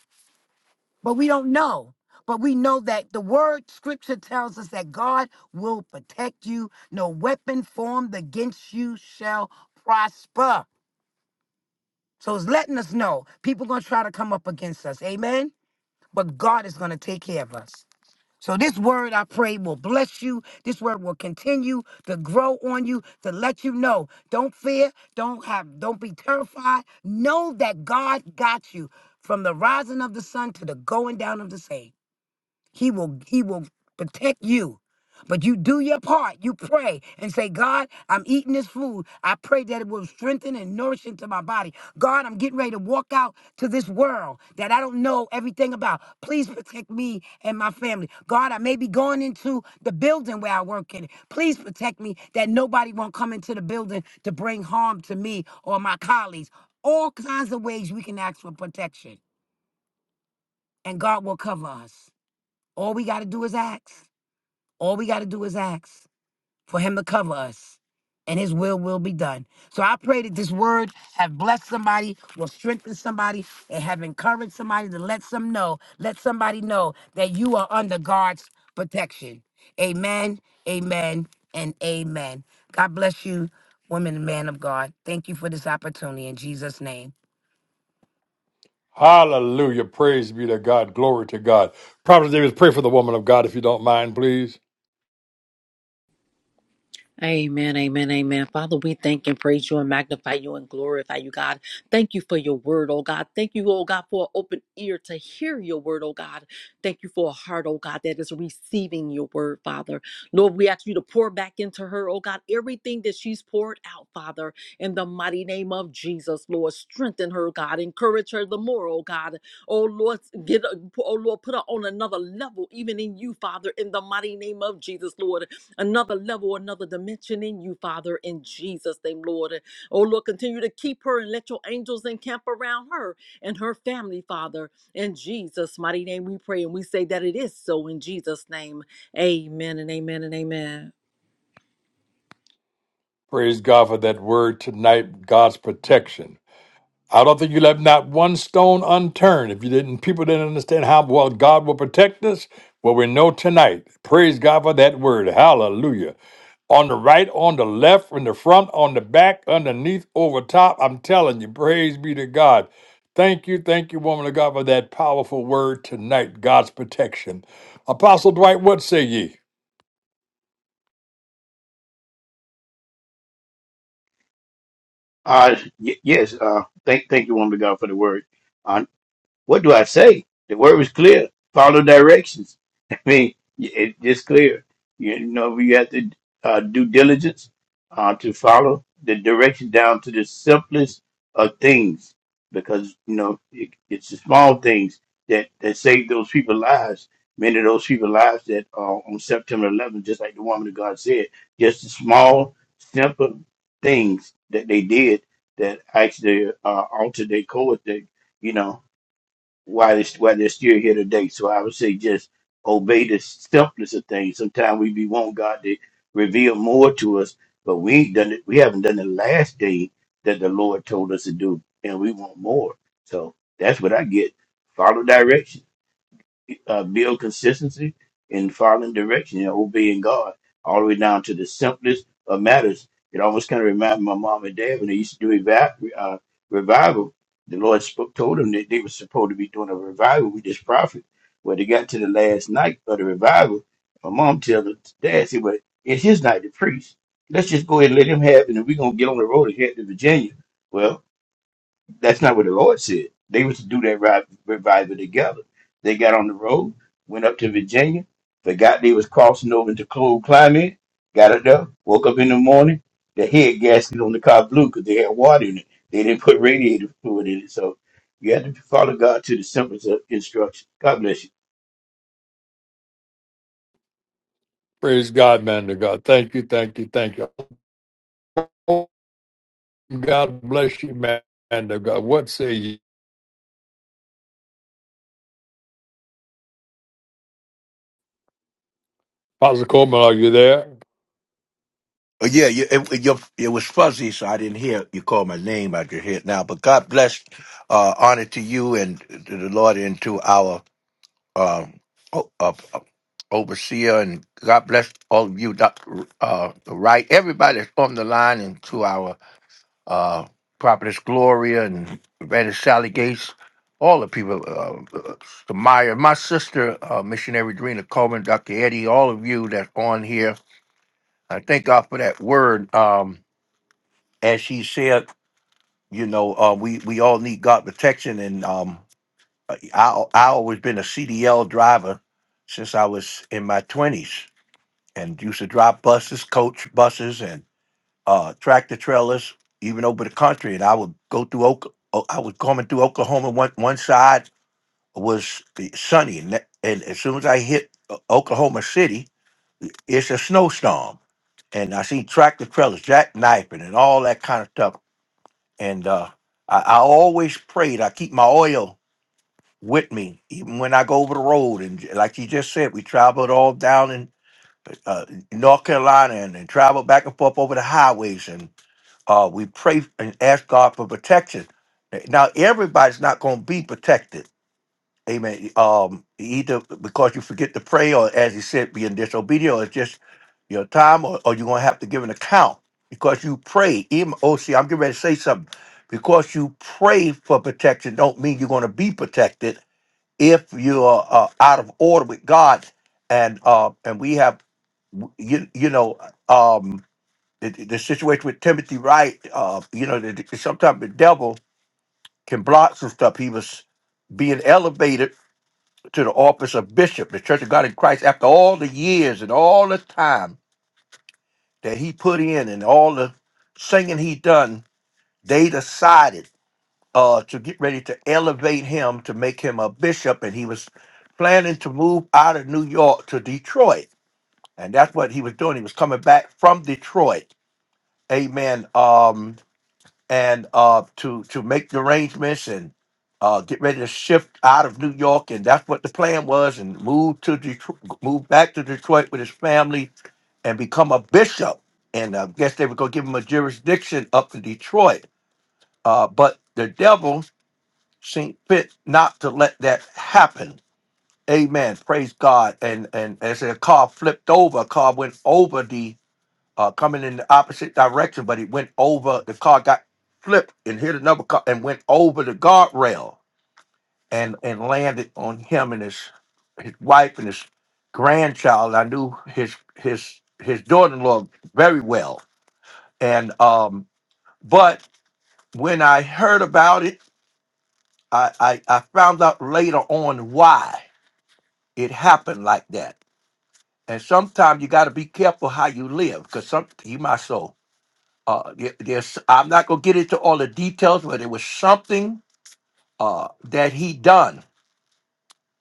But we don't know. But we know that the word scripture tells us that God will protect you. No weapon formed against you shall prosper. So it's letting us know people gonna try to come up against us. Amen. But God is gonna take care of us. So this word I pray will bless you. This word will continue to grow on you to let you know. Don't fear, don't have don't be terrified. Know that God got you from the rising of the sun to the going down of the same. He will he will protect you. But you do your part. You pray and say, God, I'm eating this food. I pray that it will strengthen and nourish into my body. God, I'm getting ready to walk out to this world that I don't know everything about. Please protect me and my family. God, I may be going into the building where I work in. Please protect me that nobody won't come into the building to bring harm to me or my colleagues. All kinds of ways we can ask for protection, and God will cover us. All we got to do is ask. All we got to do is ask for him to cover us, and his will will be done. So I pray that this word have blessed somebody, will strengthen somebody, and have encouraged somebody to let some know, let somebody know that you are under God's protection. Amen, amen, and amen. God bless you, woman and man of God. Thank you for this opportunity in Jesus' name. Hallelujah. Praise be to God. Glory to God. Prophet Davis, pray for the woman of God if you don't mind, please. Amen, amen, amen. Father, we thank and praise you and magnify you and glorify you, God. Thank you for your word, oh God. Thank you, oh God, for an open ear to hear your word, oh God. Thank you for a heart, oh God, that is receiving your word, Father. Lord, we ask you to pour back into her, oh God, everything that she's poured out, Father, in the mighty name of Jesus, Lord. Strengthen her, God. Encourage her the more, oh God. Oh Lord, get, oh Lord, put her on another level, even in you, Father, in the mighty name of Jesus, Lord another level, another dimension in you, Father, in Jesus' name, Lord. And, Oh, Lord, continue to keep her and let your angels encamp around her and her family, Father. In Jesus' mighty name, we pray and we say that it is so in Jesus' name. Amen and amen and amen. Praise God for that word tonight, God's protection. I don't think you left not one stone unturned. If you didn't, people didn't understand how well God will protect us. Well, we know tonight. Praise God for that word. Hallelujah. On the right, on the left, in the front, on the back, underneath, over top. I'm telling you, praise be to God. Thank you, thank you, woman of God, for that powerful word tonight. God's protection. Apostle Dwight, what say ye? Uh, y- yes, uh, thank thank you, woman of God, for the word. What do I say? The word was clear. Follow directions. [LAUGHS] I mean, it- it's clear. You know, you have to uh, do diligence uh, to follow the directions down to the simplest of things, because you know it, it's the small things that that save those people's lives. Many of those people's lives that are on September 11th, just like the woman of God said, just the small, simple things that they did that actually uh, altered their course. That you know. Why they're, they're still here today. So I would say just obey the simplest of things. Sometimes we be want God to reveal more to us, but we ain't done it. We haven't done the last thing that the Lord told us to do, and we want more. So that's what I get. Follow directions uh, build consistency in following direction and obeying God all the way down to the simplest of matters. It almost kind of reminded my mom and dad when they used to do eva- uh, revival. The Lord spoke, told them that they were supposed to be doing a revival with this prophet. Well, they got to the last night of the revival. My mom tells her, Dad, said, well, it's his night to preach. Let's just go ahead and let him have it, and we're going to get on the road and head to Virginia. Well, that's not what the Lord said. They was to do that ri- revival together. They got on the road, went up to Virginia, forgot they was crossing over into cold climate, got up there, woke up in the morning, the head gasket on the car blew because they had water in it. They didn't put radiator fluid in it. So you have to follow God to the simplest of instructions. God bless you. Praise God, man of God. Thank you, thank you, thank you. God bless you, man of God. What say ye? Apostle Coleman, are you there? Uh, Yeah, you, it, it- your, it was fuzzy, so I didn't hear you call my name out your head now. But God bless, uh, honor to you and to the Lord and to our um, o- uh, uh, overseer. And God bless all of you, Dr. Uh, right, everybody that's on the line, and to our uh, prophetess Gloria and Evangelist Sally Gates, all the people, uh, uh, Samaya, my sister, uh, missionary Drina Coleman, Dr. Eddie, all of you that's on here. I thank God for that word. Um, as she said, you know, uh, we we all need God protection, and um, I I always been a CDL driver since I was in my twenties, and used to drive buses, coach buses, and uh, tractor trailers, even over the country. And I would go through Oka- oh, I was coming through Oklahoma. One one side was the- sunny, and, that- and as soon as I hit O- Oklahoma City, it's a snowstorm, and I seen tractor trailers jackknifing and all that kind of stuff And uh, I, I always prayed. I keep my oil with me, even when I go over the road. And j- like you just said, we traveled all down in uh, North Carolina and, and traveled back and forth over the highways. And uh, we pray and ask God for protection. Now, everybody's not going to be protected Amen. Um, either because you forget to pray, or as he said, being disobedient, or it's just your time, or, or you're gonna have to give an account because you pray. Even oh, see, I'm getting ready to say something. Because you pray for protection, don't mean you're gonna be protected if you are uh, out of order with God. And uh, and we have you you know um the, the situation with Timothy Wright. Uh, you know, the, the- sometimes the devil can block some stuff. He was being elevated to the office of bishop, the Church of God in Christ, after all the years and all the time that he put in and all the singing he done, they decided uh, to get ready to elevate him to make him a bishop, and he was planning to move out of New York to Detroit, and that's what he was doing. He was coming back from Detroit, Amen. Um, and uh, to to make the arrangements and uh, get ready to shift out of New York, and that's what the plan was, and move to Detroit, move back to Detroit with his family, and become a bishop. And I guess they were going to give him a jurisdiction up to Detroit, uh, but the devil seemed fit not to let that happen. Amen. Praise God. And and as a car flipped over, a car went over uh, coming in the opposite direction, but it went over. The car got flipped and hit another car and went over the guardrail and and landed on him and his his wife and his grandchild. I knew his his his daughter-in-law very well, and um, but when I heard about it, I, I I found out later on why it happened like that. And sometimes you got to be careful how you live, because some you my soul. uh there- there's i'm not going to get into all the details but it was something uh that he done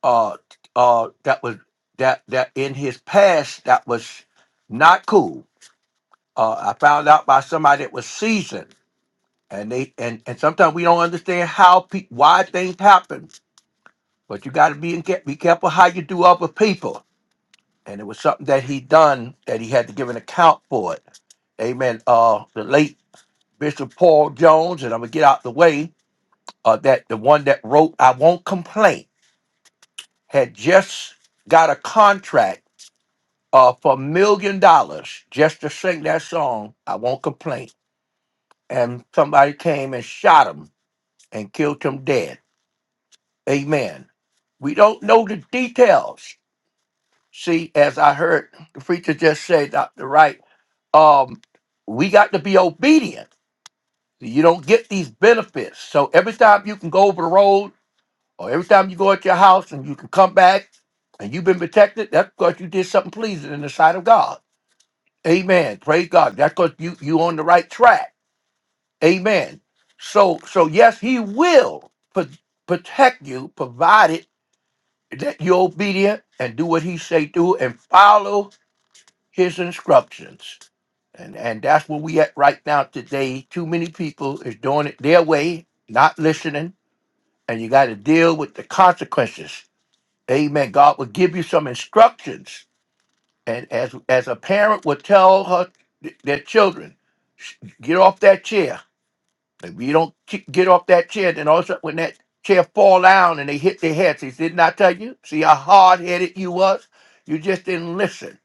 uh uh that was that that in his past that was not cool uh i found out by somebody that was seasoned and they and and sometimes we don't understand how pe- why things happen but you got to be in, ca- be careful how you do other people and it was something that he done that he had to give an account for it amen uh the late bishop paul jones and i'm gonna get out the way uh, that the one that wrote "I Won't Complain" had just got a contract uh, for a million dollars just to sing that song "I Won't Complain," and somebody came and shot him and killed him dead. Amen. We don't know the details. See, as I heard the preacher just say, Doctor Wright, um, we got to be obedient. You don't get these benefits. So every time you can go over the road Or every time you go at your house and you can come back and you've been protected, that's because you did something pleasing in the sight of God. Amen. Praise God. That's because you you on the right track. Amen. So so yes, He will pro- protect you, provided that you're obedient and do what He say do and follow His instructions. And and that's where we at right now today. Too many people is doing it their way, not listening, and you got to deal with the consequences. Amen. God will give you some instructions, and as as a parent would tell her their children, "Sh- get off that chair. If you don't ki- get off that chair, then also when that chair fall down and they hit their heads, he didn't I tell you? See how hard headed you was. You just didn't listen.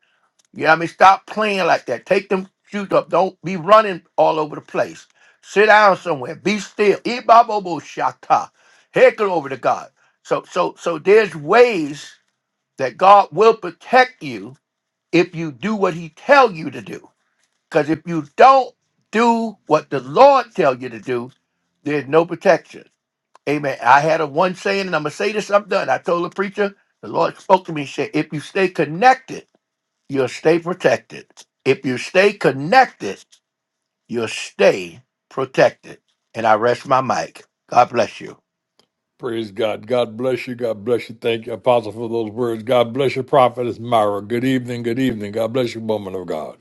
You know what I mean? Stop playing like that. Take them shoes up. Don't be running all over the place. Sit down somewhere. Be still. Ibabobo shaka. Heckle over to God. So so so there's ways that God will protect you if you do what he tell you to do. Because if you don't do what the Lord tell you to do, there's no protection. Amen. I had a one saying, and I'm gonna say this, I'm done. I told the preacher, the Lord spoke to me, and said, if you stay connected, you'll stay protected. If you stay connected, you'll stay protected. And I rest my mic. God bless you. Praise God. God bless you. God bless you. Thank you, Apostle, for those words. God bless you, Prophetess Myra. Good evening. Good evening. God bless you, woman of God.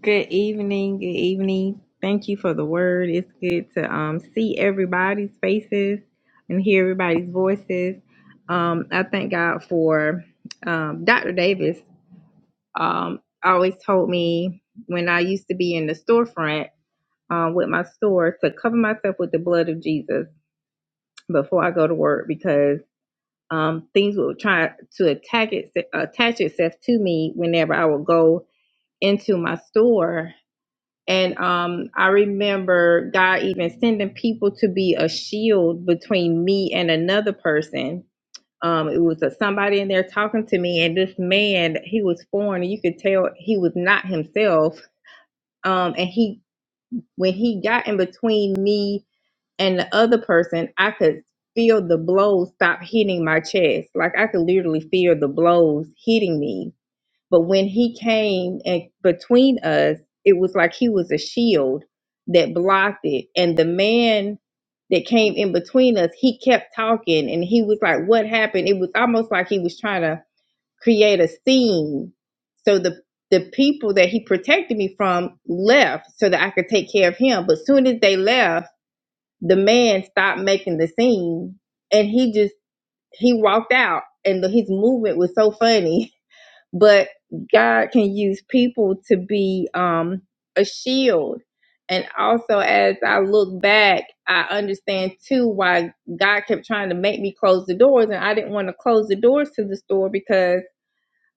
Good evening. Good evening. Thank you for the word. It's good to um, see everybody's faces and hear everybody's voices. Um, I thank God for um, Dr. Davis. Um, always told me when I used to be in the storefront um, with my store to cover myself with the blood of Jesus before I go to work because um, things will try to attack it, attach itself to me whenever I would go into my store and um, I remember God even sending people to be a shield between me and another person. Um, it was a, somebody in there talking to me, and this man, he was foreign, and you could tell he was not himself. Um, and he, when he got in between me and the other person, I could feel the blows stop hitting my chest. Like I could literally feel the blows hitting me but when he came and between us, it was like he was a shield that blocked it. And the man that came in between us, he kept talking and he was like, What happened? It was almost like he was trying to create a scene. So the the people that he protected me from left so that I could take care of him. But soon as they left, the man stopped making the scene and he just he walked out and his movement was so funny [LAUGHS] but God can use people to be um, a shield. And also, as I look back, I understand too why God kept trying to make me close the doors, and I didn't want to close the doors to the store because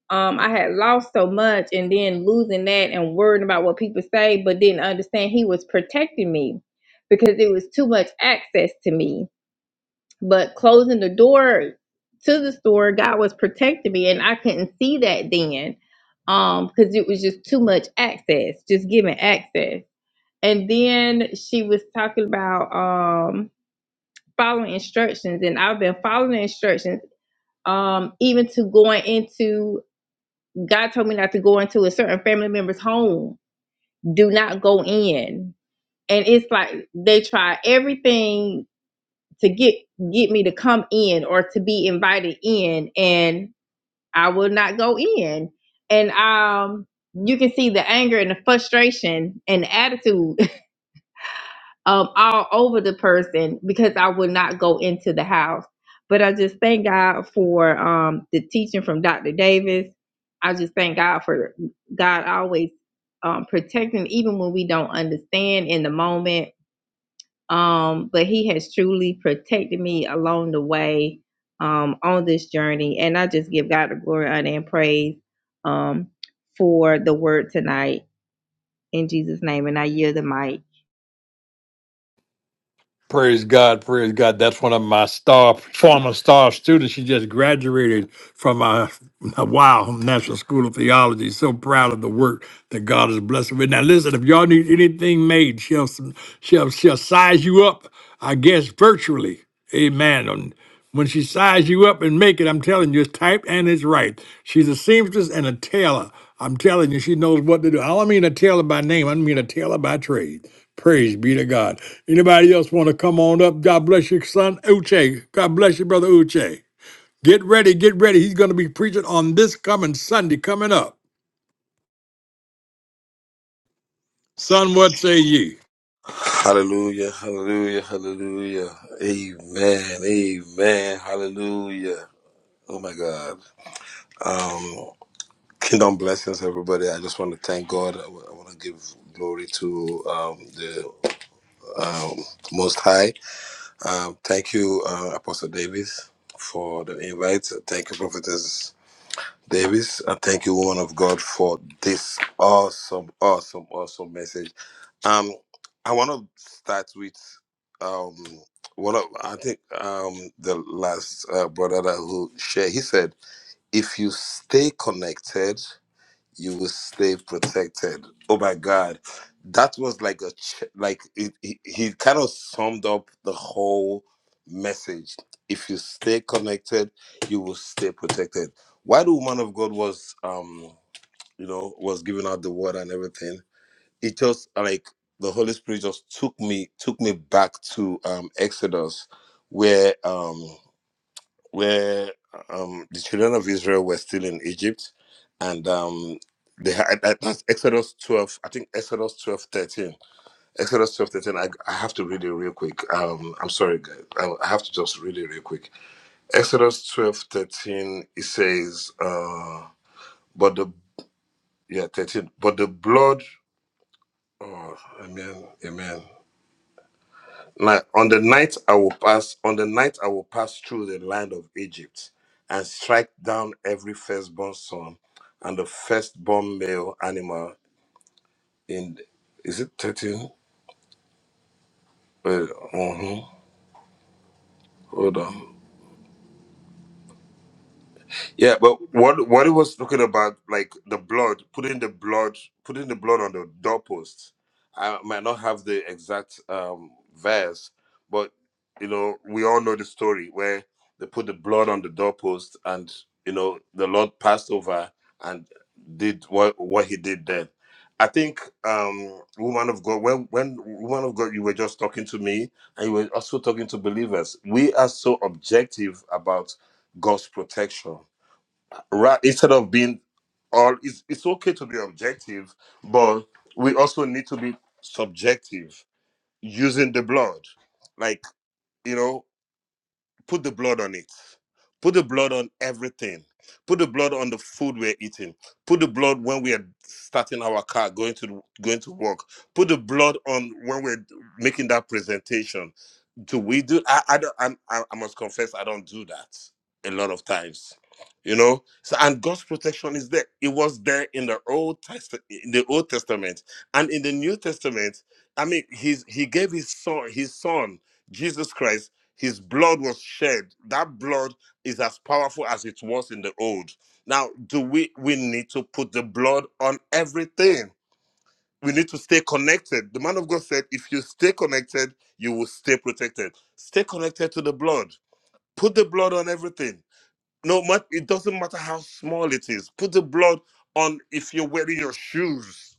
um, I had lost so much, and then losing that and worrying about what people say, but didn't understand He was protecting me because it was too much access to me but closing the door to the store, God was protecting me, and I couldn't see that then, um, because it was just too much access, just giving access. And then she was talking about um following instructions, and I've been following instructions, um, even to going into. God told me not to go into a certain family member's home. Do not go in. And it's like they try everything to get get me to come in or to be invited in and I will not go in. And um you can see the anger and the frustration and the attitude [LAUGHS] um all over the person because I would not go into the house. But I just thank God for um the teaching from Dr. Davis. I just thank God for God always um protecting even when we don't understand in the moment um, but he has truly protected me along the way um, on this journey. And I just give God the glory, honor, and praise um, for the word tonight in Jesus' name. And I yield the mic. Praise God, praise God. That's one of my star, former star students. She just graduated from our wow National School of Theology. So proud of the work that God has blessed her with. Now, listen, if y'all need anything made, she'll she'll she'll size you up. I guess virtually, Amen. And When she size you up and make it, I'm telling you, it's typed and it's right. She's a seamstress and a tailor. I'm telling you, she knows what to do. I don't mean a tailor by name. I mean a tailor by trade. Praise be to God. Anybody else want to come on up? God bless your son, Uche. God bless you, brother Uche. Get ready, get ready. He's going to be preaching on this coming Sunday coming up. Son, what say ye? Hallelujah, hallelujah, hallelujah. Amen, amen, hallelujah. Oh my God. Um, kingdom blessings, everybody. I just want to thank God. I want to give glory to um, the um, Most High. Um, thank you, uh, Apostle Davis, for the invite. Thank you, Prophetess Davis. And thank you, woman of God, for this awesome, awesome, awesome message. Um, I want to start with um, one of I think um, the last uh, brother that who shared. He said, "If you stay connected, you will stay protected." Oh my God, that was like a ch- like it, he he kind of summed up the whole message. If you stay connected, you will stay protected. Why the woman of God was um you know was giving out the word and everything it just like the Holy Spirit just took me took me back to um Exodus where um where um the children of Israel were still in Egypt and um they had that- that's Exodus 12 I think Exodus 12 13. Exodus 12 13. I, I have to read it real quick um I'm sorry guys I, I have to just read it real quick Exodus 12 13. it says uh but the yeah 13 but the blood oh amen amen Now, on the night I will pass, on the night I will pass through the land of Egypt and strike down every firstborn son and the firstborn male animal in is it 13? Wait, uh-huh. Hold on. Yeah, but what what he was talking about, like the blood, putting the blood, putting the blood on the doorpost. I might not have the exact um, verse, but you know, we all know the story where they put the blood on the doorpost, and you know, the Lord passed over and did what what He did then. I think, um, woman of God, when when woman of God, you were just talking to me, and you were also talking to believers. We are so objective about God's protection right instead of being all it's, it's okay to be objective but we also need to be subjective using the blood like you know put the blood on it Put the blood on everything. Put the blood on the food we're eating. Put the blood when we are starting our car, going to going to work. Put the blood on when we're making that presentation. Do we do? I I don't, I'm, I I must confess I don't do that a lot of times. You know, so and God's protection is there. It was there in the old test in the Old Testament and in the New Testament. I mean, he's he gave his son his son Jesus Christ. His blood was shed. That blood is as powerful as it was in the old. Now, do we we need to put the blood on everything? We need to stay connected. The man of God said, if you stay connected, you will stay protected. Stay connected to the blood. Put the blood on everything. No matter it doesn't matter how small it is. Put the blood on if you're wearing your shoes.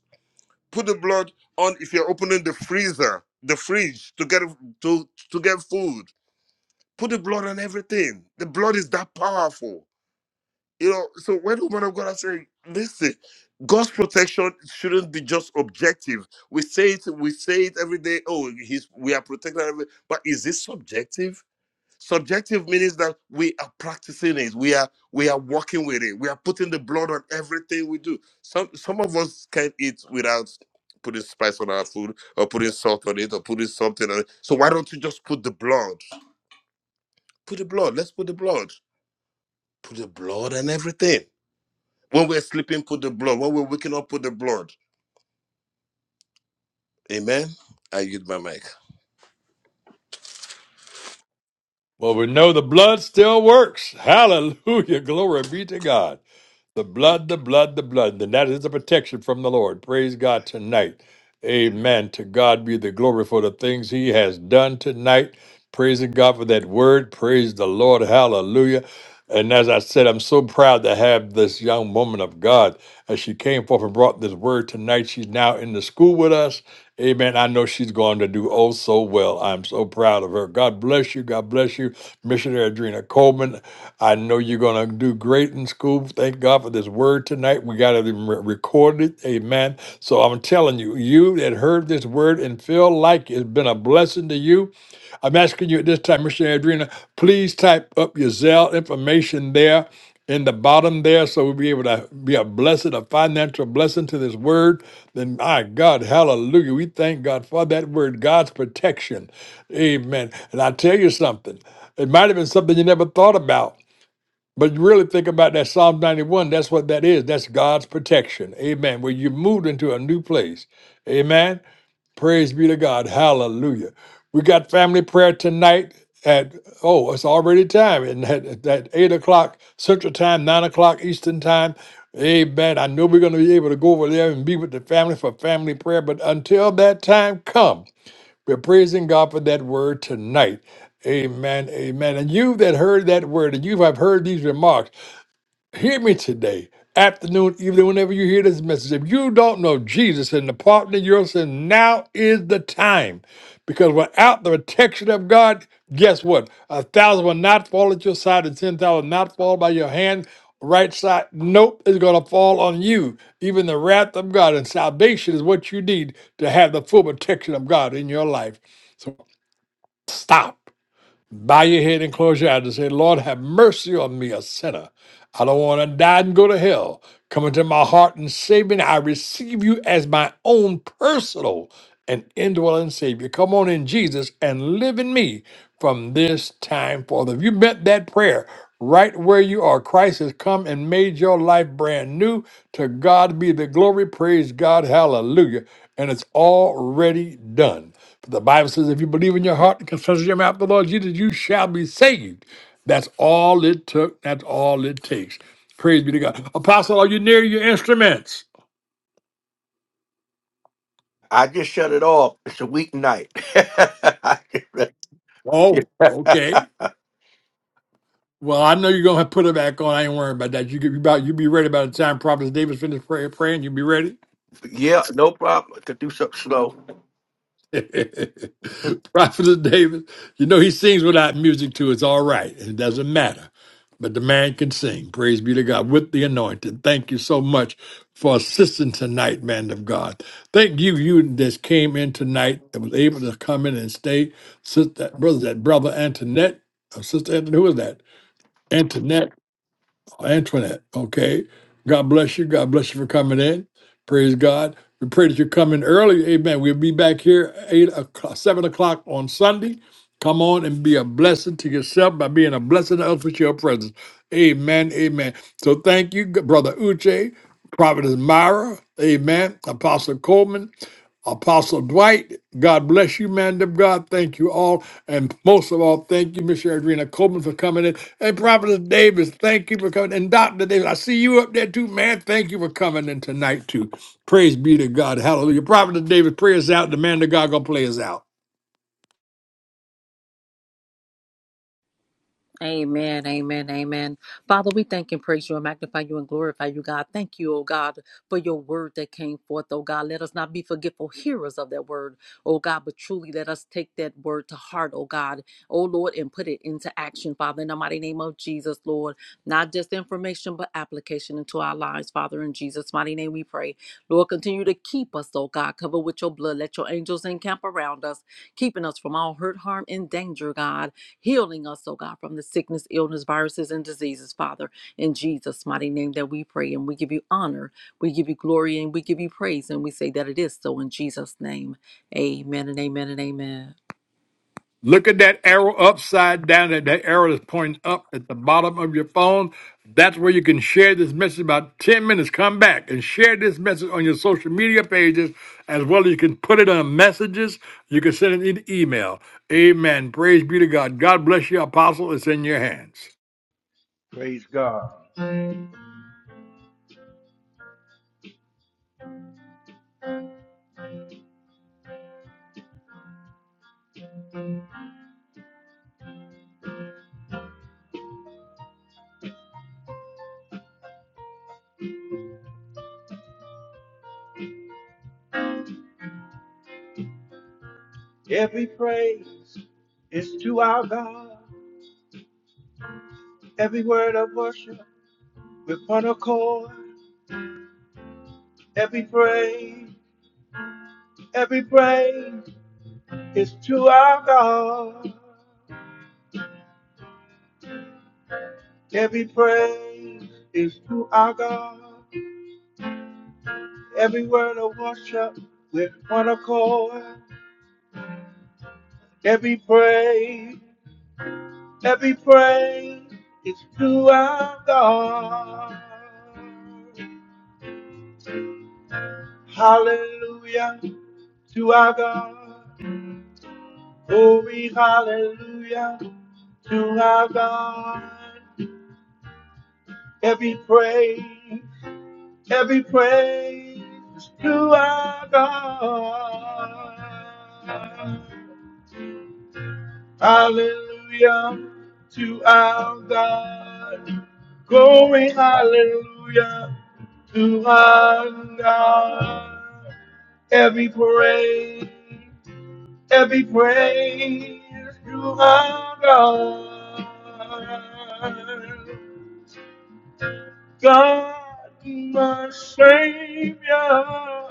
Put the blood on if you're opening the freezer, the fridge to get to to get food. Put the blood on everything. The blood is that powerful You know, so when the woman of God are saying, listen, God's protection shouldn't be just objective. We say it, we say it every day. Oh, he's we are protected, every, but is this subjective? Subjective means that we are practicing it. We are we are working with it. We are putting the blood on everything we do. Some some of us can eat without putting spice on our food or putting salt on it or putting something on it. So why don't you just put the blood? Put the blood. Let's put the blood. Put the blood and everything. When we're sleeping, put the blood. When we're waking up, put the blood. Amen. I yield my mic. Well, we know the blood still works. Hallelujah. [LAUGHS] Glory be to God. The blood, the blood, the blood. And that is the protection from the Lord. Praise God tonight. Amen. To God be the glory for the things he has done tonight. Praising God for that word. Praise the Lord. Hallelujah. And as I said, I'm so proud to have this young woman of God. As she came forth and brought this word tonight, she's now in the school with us. Amen. I know she's going to do oh so well. I'm so proud of her. God bless you. God bless you, Missionary Adrena Coleman. I know you're going to do great in school. Thank God for this word tonight. We got it re- recorded. Amen. So I'm telling you, you that heard this word and feel like it's been a blessing to you, I'm asking you at this time, Michelle Adrena, please type up your Zelle information there in the bottom there so we'll be able to be a blessing, a financial blessing to this word. Then, my God, hallelujah. We thank God for that word, God's protection. Amen. And I tell you something, it might have been something you never thought about. But you really think about that Psalm 91, that's what that is. That's God's protection. Amen. Where you moved into a new place. Amen. Praise be to God. Hallelujah. We got family prayer tonight at oh, it's already time. And at, at at eight o'clock Central Time, nine o'clock Eastern Time. Amen. I know we're gonna be able to go over there and be with the family for family prayer. But until that time comes, we're praising God for that word tonight. Amen. Amen. And you that heard that word and you have heard these remarks. Hear me today, afternoon, evening, whenever you hear this message. If you don't know Jesus and the partner of your sin, now is the time. Because without the protection of God, guess what? A thousand will not fall at your side, and ten thousand will not fall by your hand. Right side, nope, it's going to fall on you. Even the wrath of God and salvation is what you need to have the full protection of God in your life. So stop. Bow your head and close your eyes and say, Lord, have mercy on me, a sinner. I don't want to die and go to hell. Come into my heart and save me. I receive you as my own personal and indwelling Savior. Come on in, Jesus, and live in me from this time forth. If you meant that prayer right where you are, Christ has come and made your life brand new. To God be the glory. Praise God. Hallelujah. And it's already done. For The Bible says, if you believe in your heart and confess with your mouth the Lord Jesus, you shall be saved. That's all it took. That's all it takes. Praise be to God. Apostle, are you near your instruments? I just shut it off. It's a weeknight. [LAUGHS] Oh, okay. Well, I know you're gonna put it back on. I ain't worried about that. You could be about you be ready by the time Prophet Davis finished pray, praying. You'll be ready. Yeah, no problem. I could do something slow. Mm. [LAUGHS] Prophet of David, you know he sings without music too. It's all right. It doesn't matter. But the man can sing. Praise be to God with the anointed. Thank you so much for assisting tonight, man of God. Thank you, you that came in tonight that was able to come in and stay. Sister, brother, that brother Antoinette, or sister Antoinette, who is that? Antoinette. Antoinette. Okay. God bless you. God bless you for coming in. Praise God. We pray that you come in early. Amen. We'll be back here eight o'clock, seven o'clock on Sunday. Come on and be a blessing to yourself by being a blessing to others with your presence. Amen. Amen. So thank you, Brother Uche, Prophetess Myra. Amen. Apostle Coleman. Apostle Dwight, God bless you, man of God. Thank you all. And most of all, thank you, Miss Adrena Coleman, for coming in. And Prophet Davis, thank you for coming. And Dr. Davis, I see you up there too, man. Thank you for coming in tonight, too. Praise be to God. Hallelujah. Prophet Davis, pray us out. The man of God gonna play us out. Amen, amen, amen. Father, we thank and praise you and magnify you and glorify you, God. Thank you, oh God, for your word that came forth, oh God. Let us not be forgetful hearers of that word, oh God, but truly let us take that word to heart, oh God, oh Lord, and put it into action, Father, in the mighty name of Jesus, Lord. Not just information, but application into our lives, Father, in Jesus' mighty name we pray. Lord, continue to keep us, oh God, cover with your blood. Let your angels encamp around us, keeping us from all hurt, harm, and danger, God healing us, oh God, from the sickness, illness, viruses, and diseases, Father, in Jesus' mighty name that we pray. And we give you honor, we give you glory, and we give you praise. And we say that it is so in Jesus' name. Amen and amen and amen. Look at that arrow upside down. That, that arrow is pointing up at the bottom of your phone. That's where you can share this message about 10 minutes. Come back and share this message on your social media pages as well as you can put it on messages. You can send it in email. Amen. Praise be to God. God bless you, Apostle. It's in your hands. Praise God. Every praise is to our God. Every word of worship with one accord. Every praise, every praise is to our God. Every praise is to our God. Every word of worship with one accord. Every praise. Every praise is to our God. Hallelujah to our God. Glory, hallelujah to our God. Every praise, every praise is to our God. Hallelujah to our God. Glory, hallelujah to honor every praise, every praise to honor God, my Savior,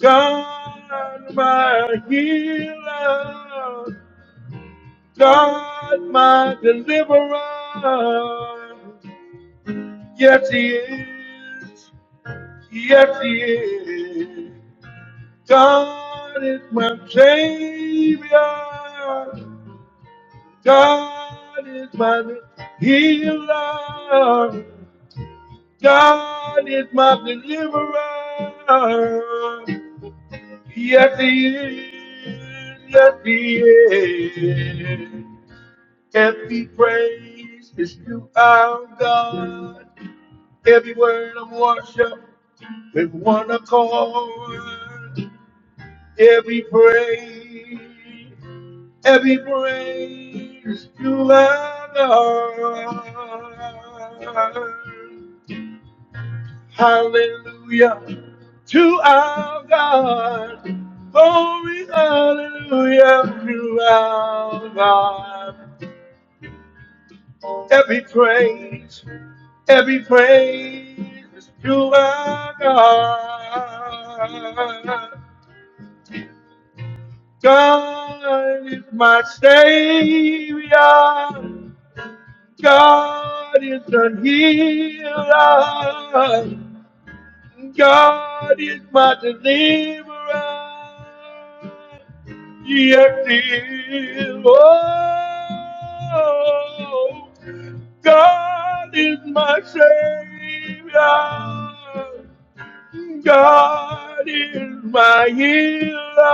God, my healer, God, my deliverer. Yes, He is. Yes, He is. God is my Savior. God is my healer. God is my deliverer. Yes, He is. Yes, He is. Every praise is to our God. Every word of worship with one accord. Every praise. Every praise you earn. Hallelujah to our God. Glory, hallelujah to our God. Every praise, every praise to our God. God is my Savior. God is a healer. God is my deliverer. Yes, he is. Oh, God is my savior. God is my healer.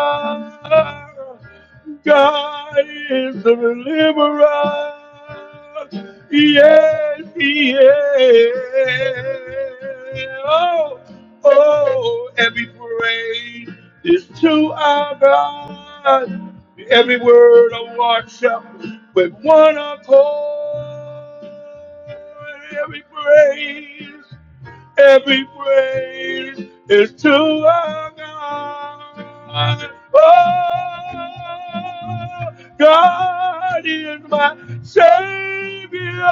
God is the deliverer. Yes, he is. Oh, oh, every praise is to our God. Every word of worship with one accord. Every praise. Every praise is to our God. Oh, God is my Savior.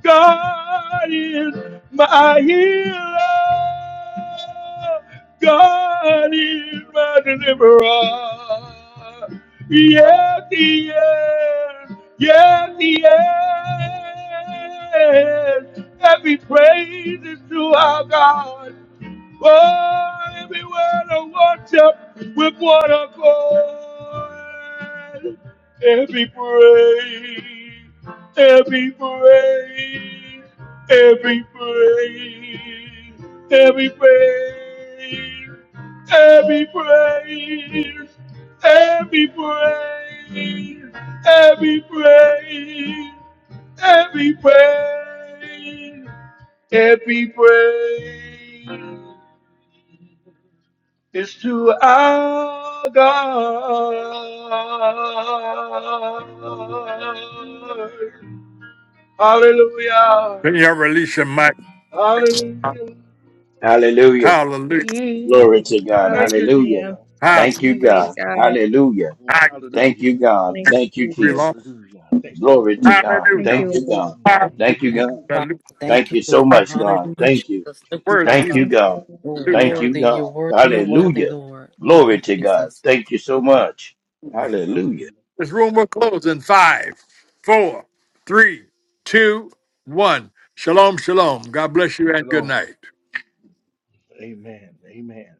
God is my healer. God is my deliverer. Yes, he is. Yes, he is. Every praise is to our God. Oh, every word of worship with one accord. Every praise, every praise, every praise, every praise, every praise, every praise, every praise every praise, Every praise is to our God. Hallelujah. Can you release your mic? Hallelujah. Hallelujah. Hallelujah. Glory Mm. to God. Thank you, Hallelujah. Jesus. Hallelujah. Thank Hallelujah. you, Mm. Praise God. God. Hallelujah. Mm. Thank Hallelujah. you, God. Thank you, Thank you, Jesus. Jesus. Hallelujah. Thank you, Glory Jesus. to God. Thank Hallelujah. Thank you, you, Lord. God. Hallelujah. Thank you, Thank Hmm. you, God. Father. Thank Thank you, you so Lord. much, God. Hallelujah, Thank you. Jesus. Thank you, Thank Hallelujah. Father. you, Thank you. God. Lord. You're Thank you, Hallelujah. worthy, you're God. worthy, you're worthy, Hallelujah. Lord. Thank you, Glory to God. Jesus. Thank you so much. Hallelujah. Hallelujah. This room will close in five, four, three, two, one. Shalom, shalom. God bless you and good Shalom. night. Amen. Amen.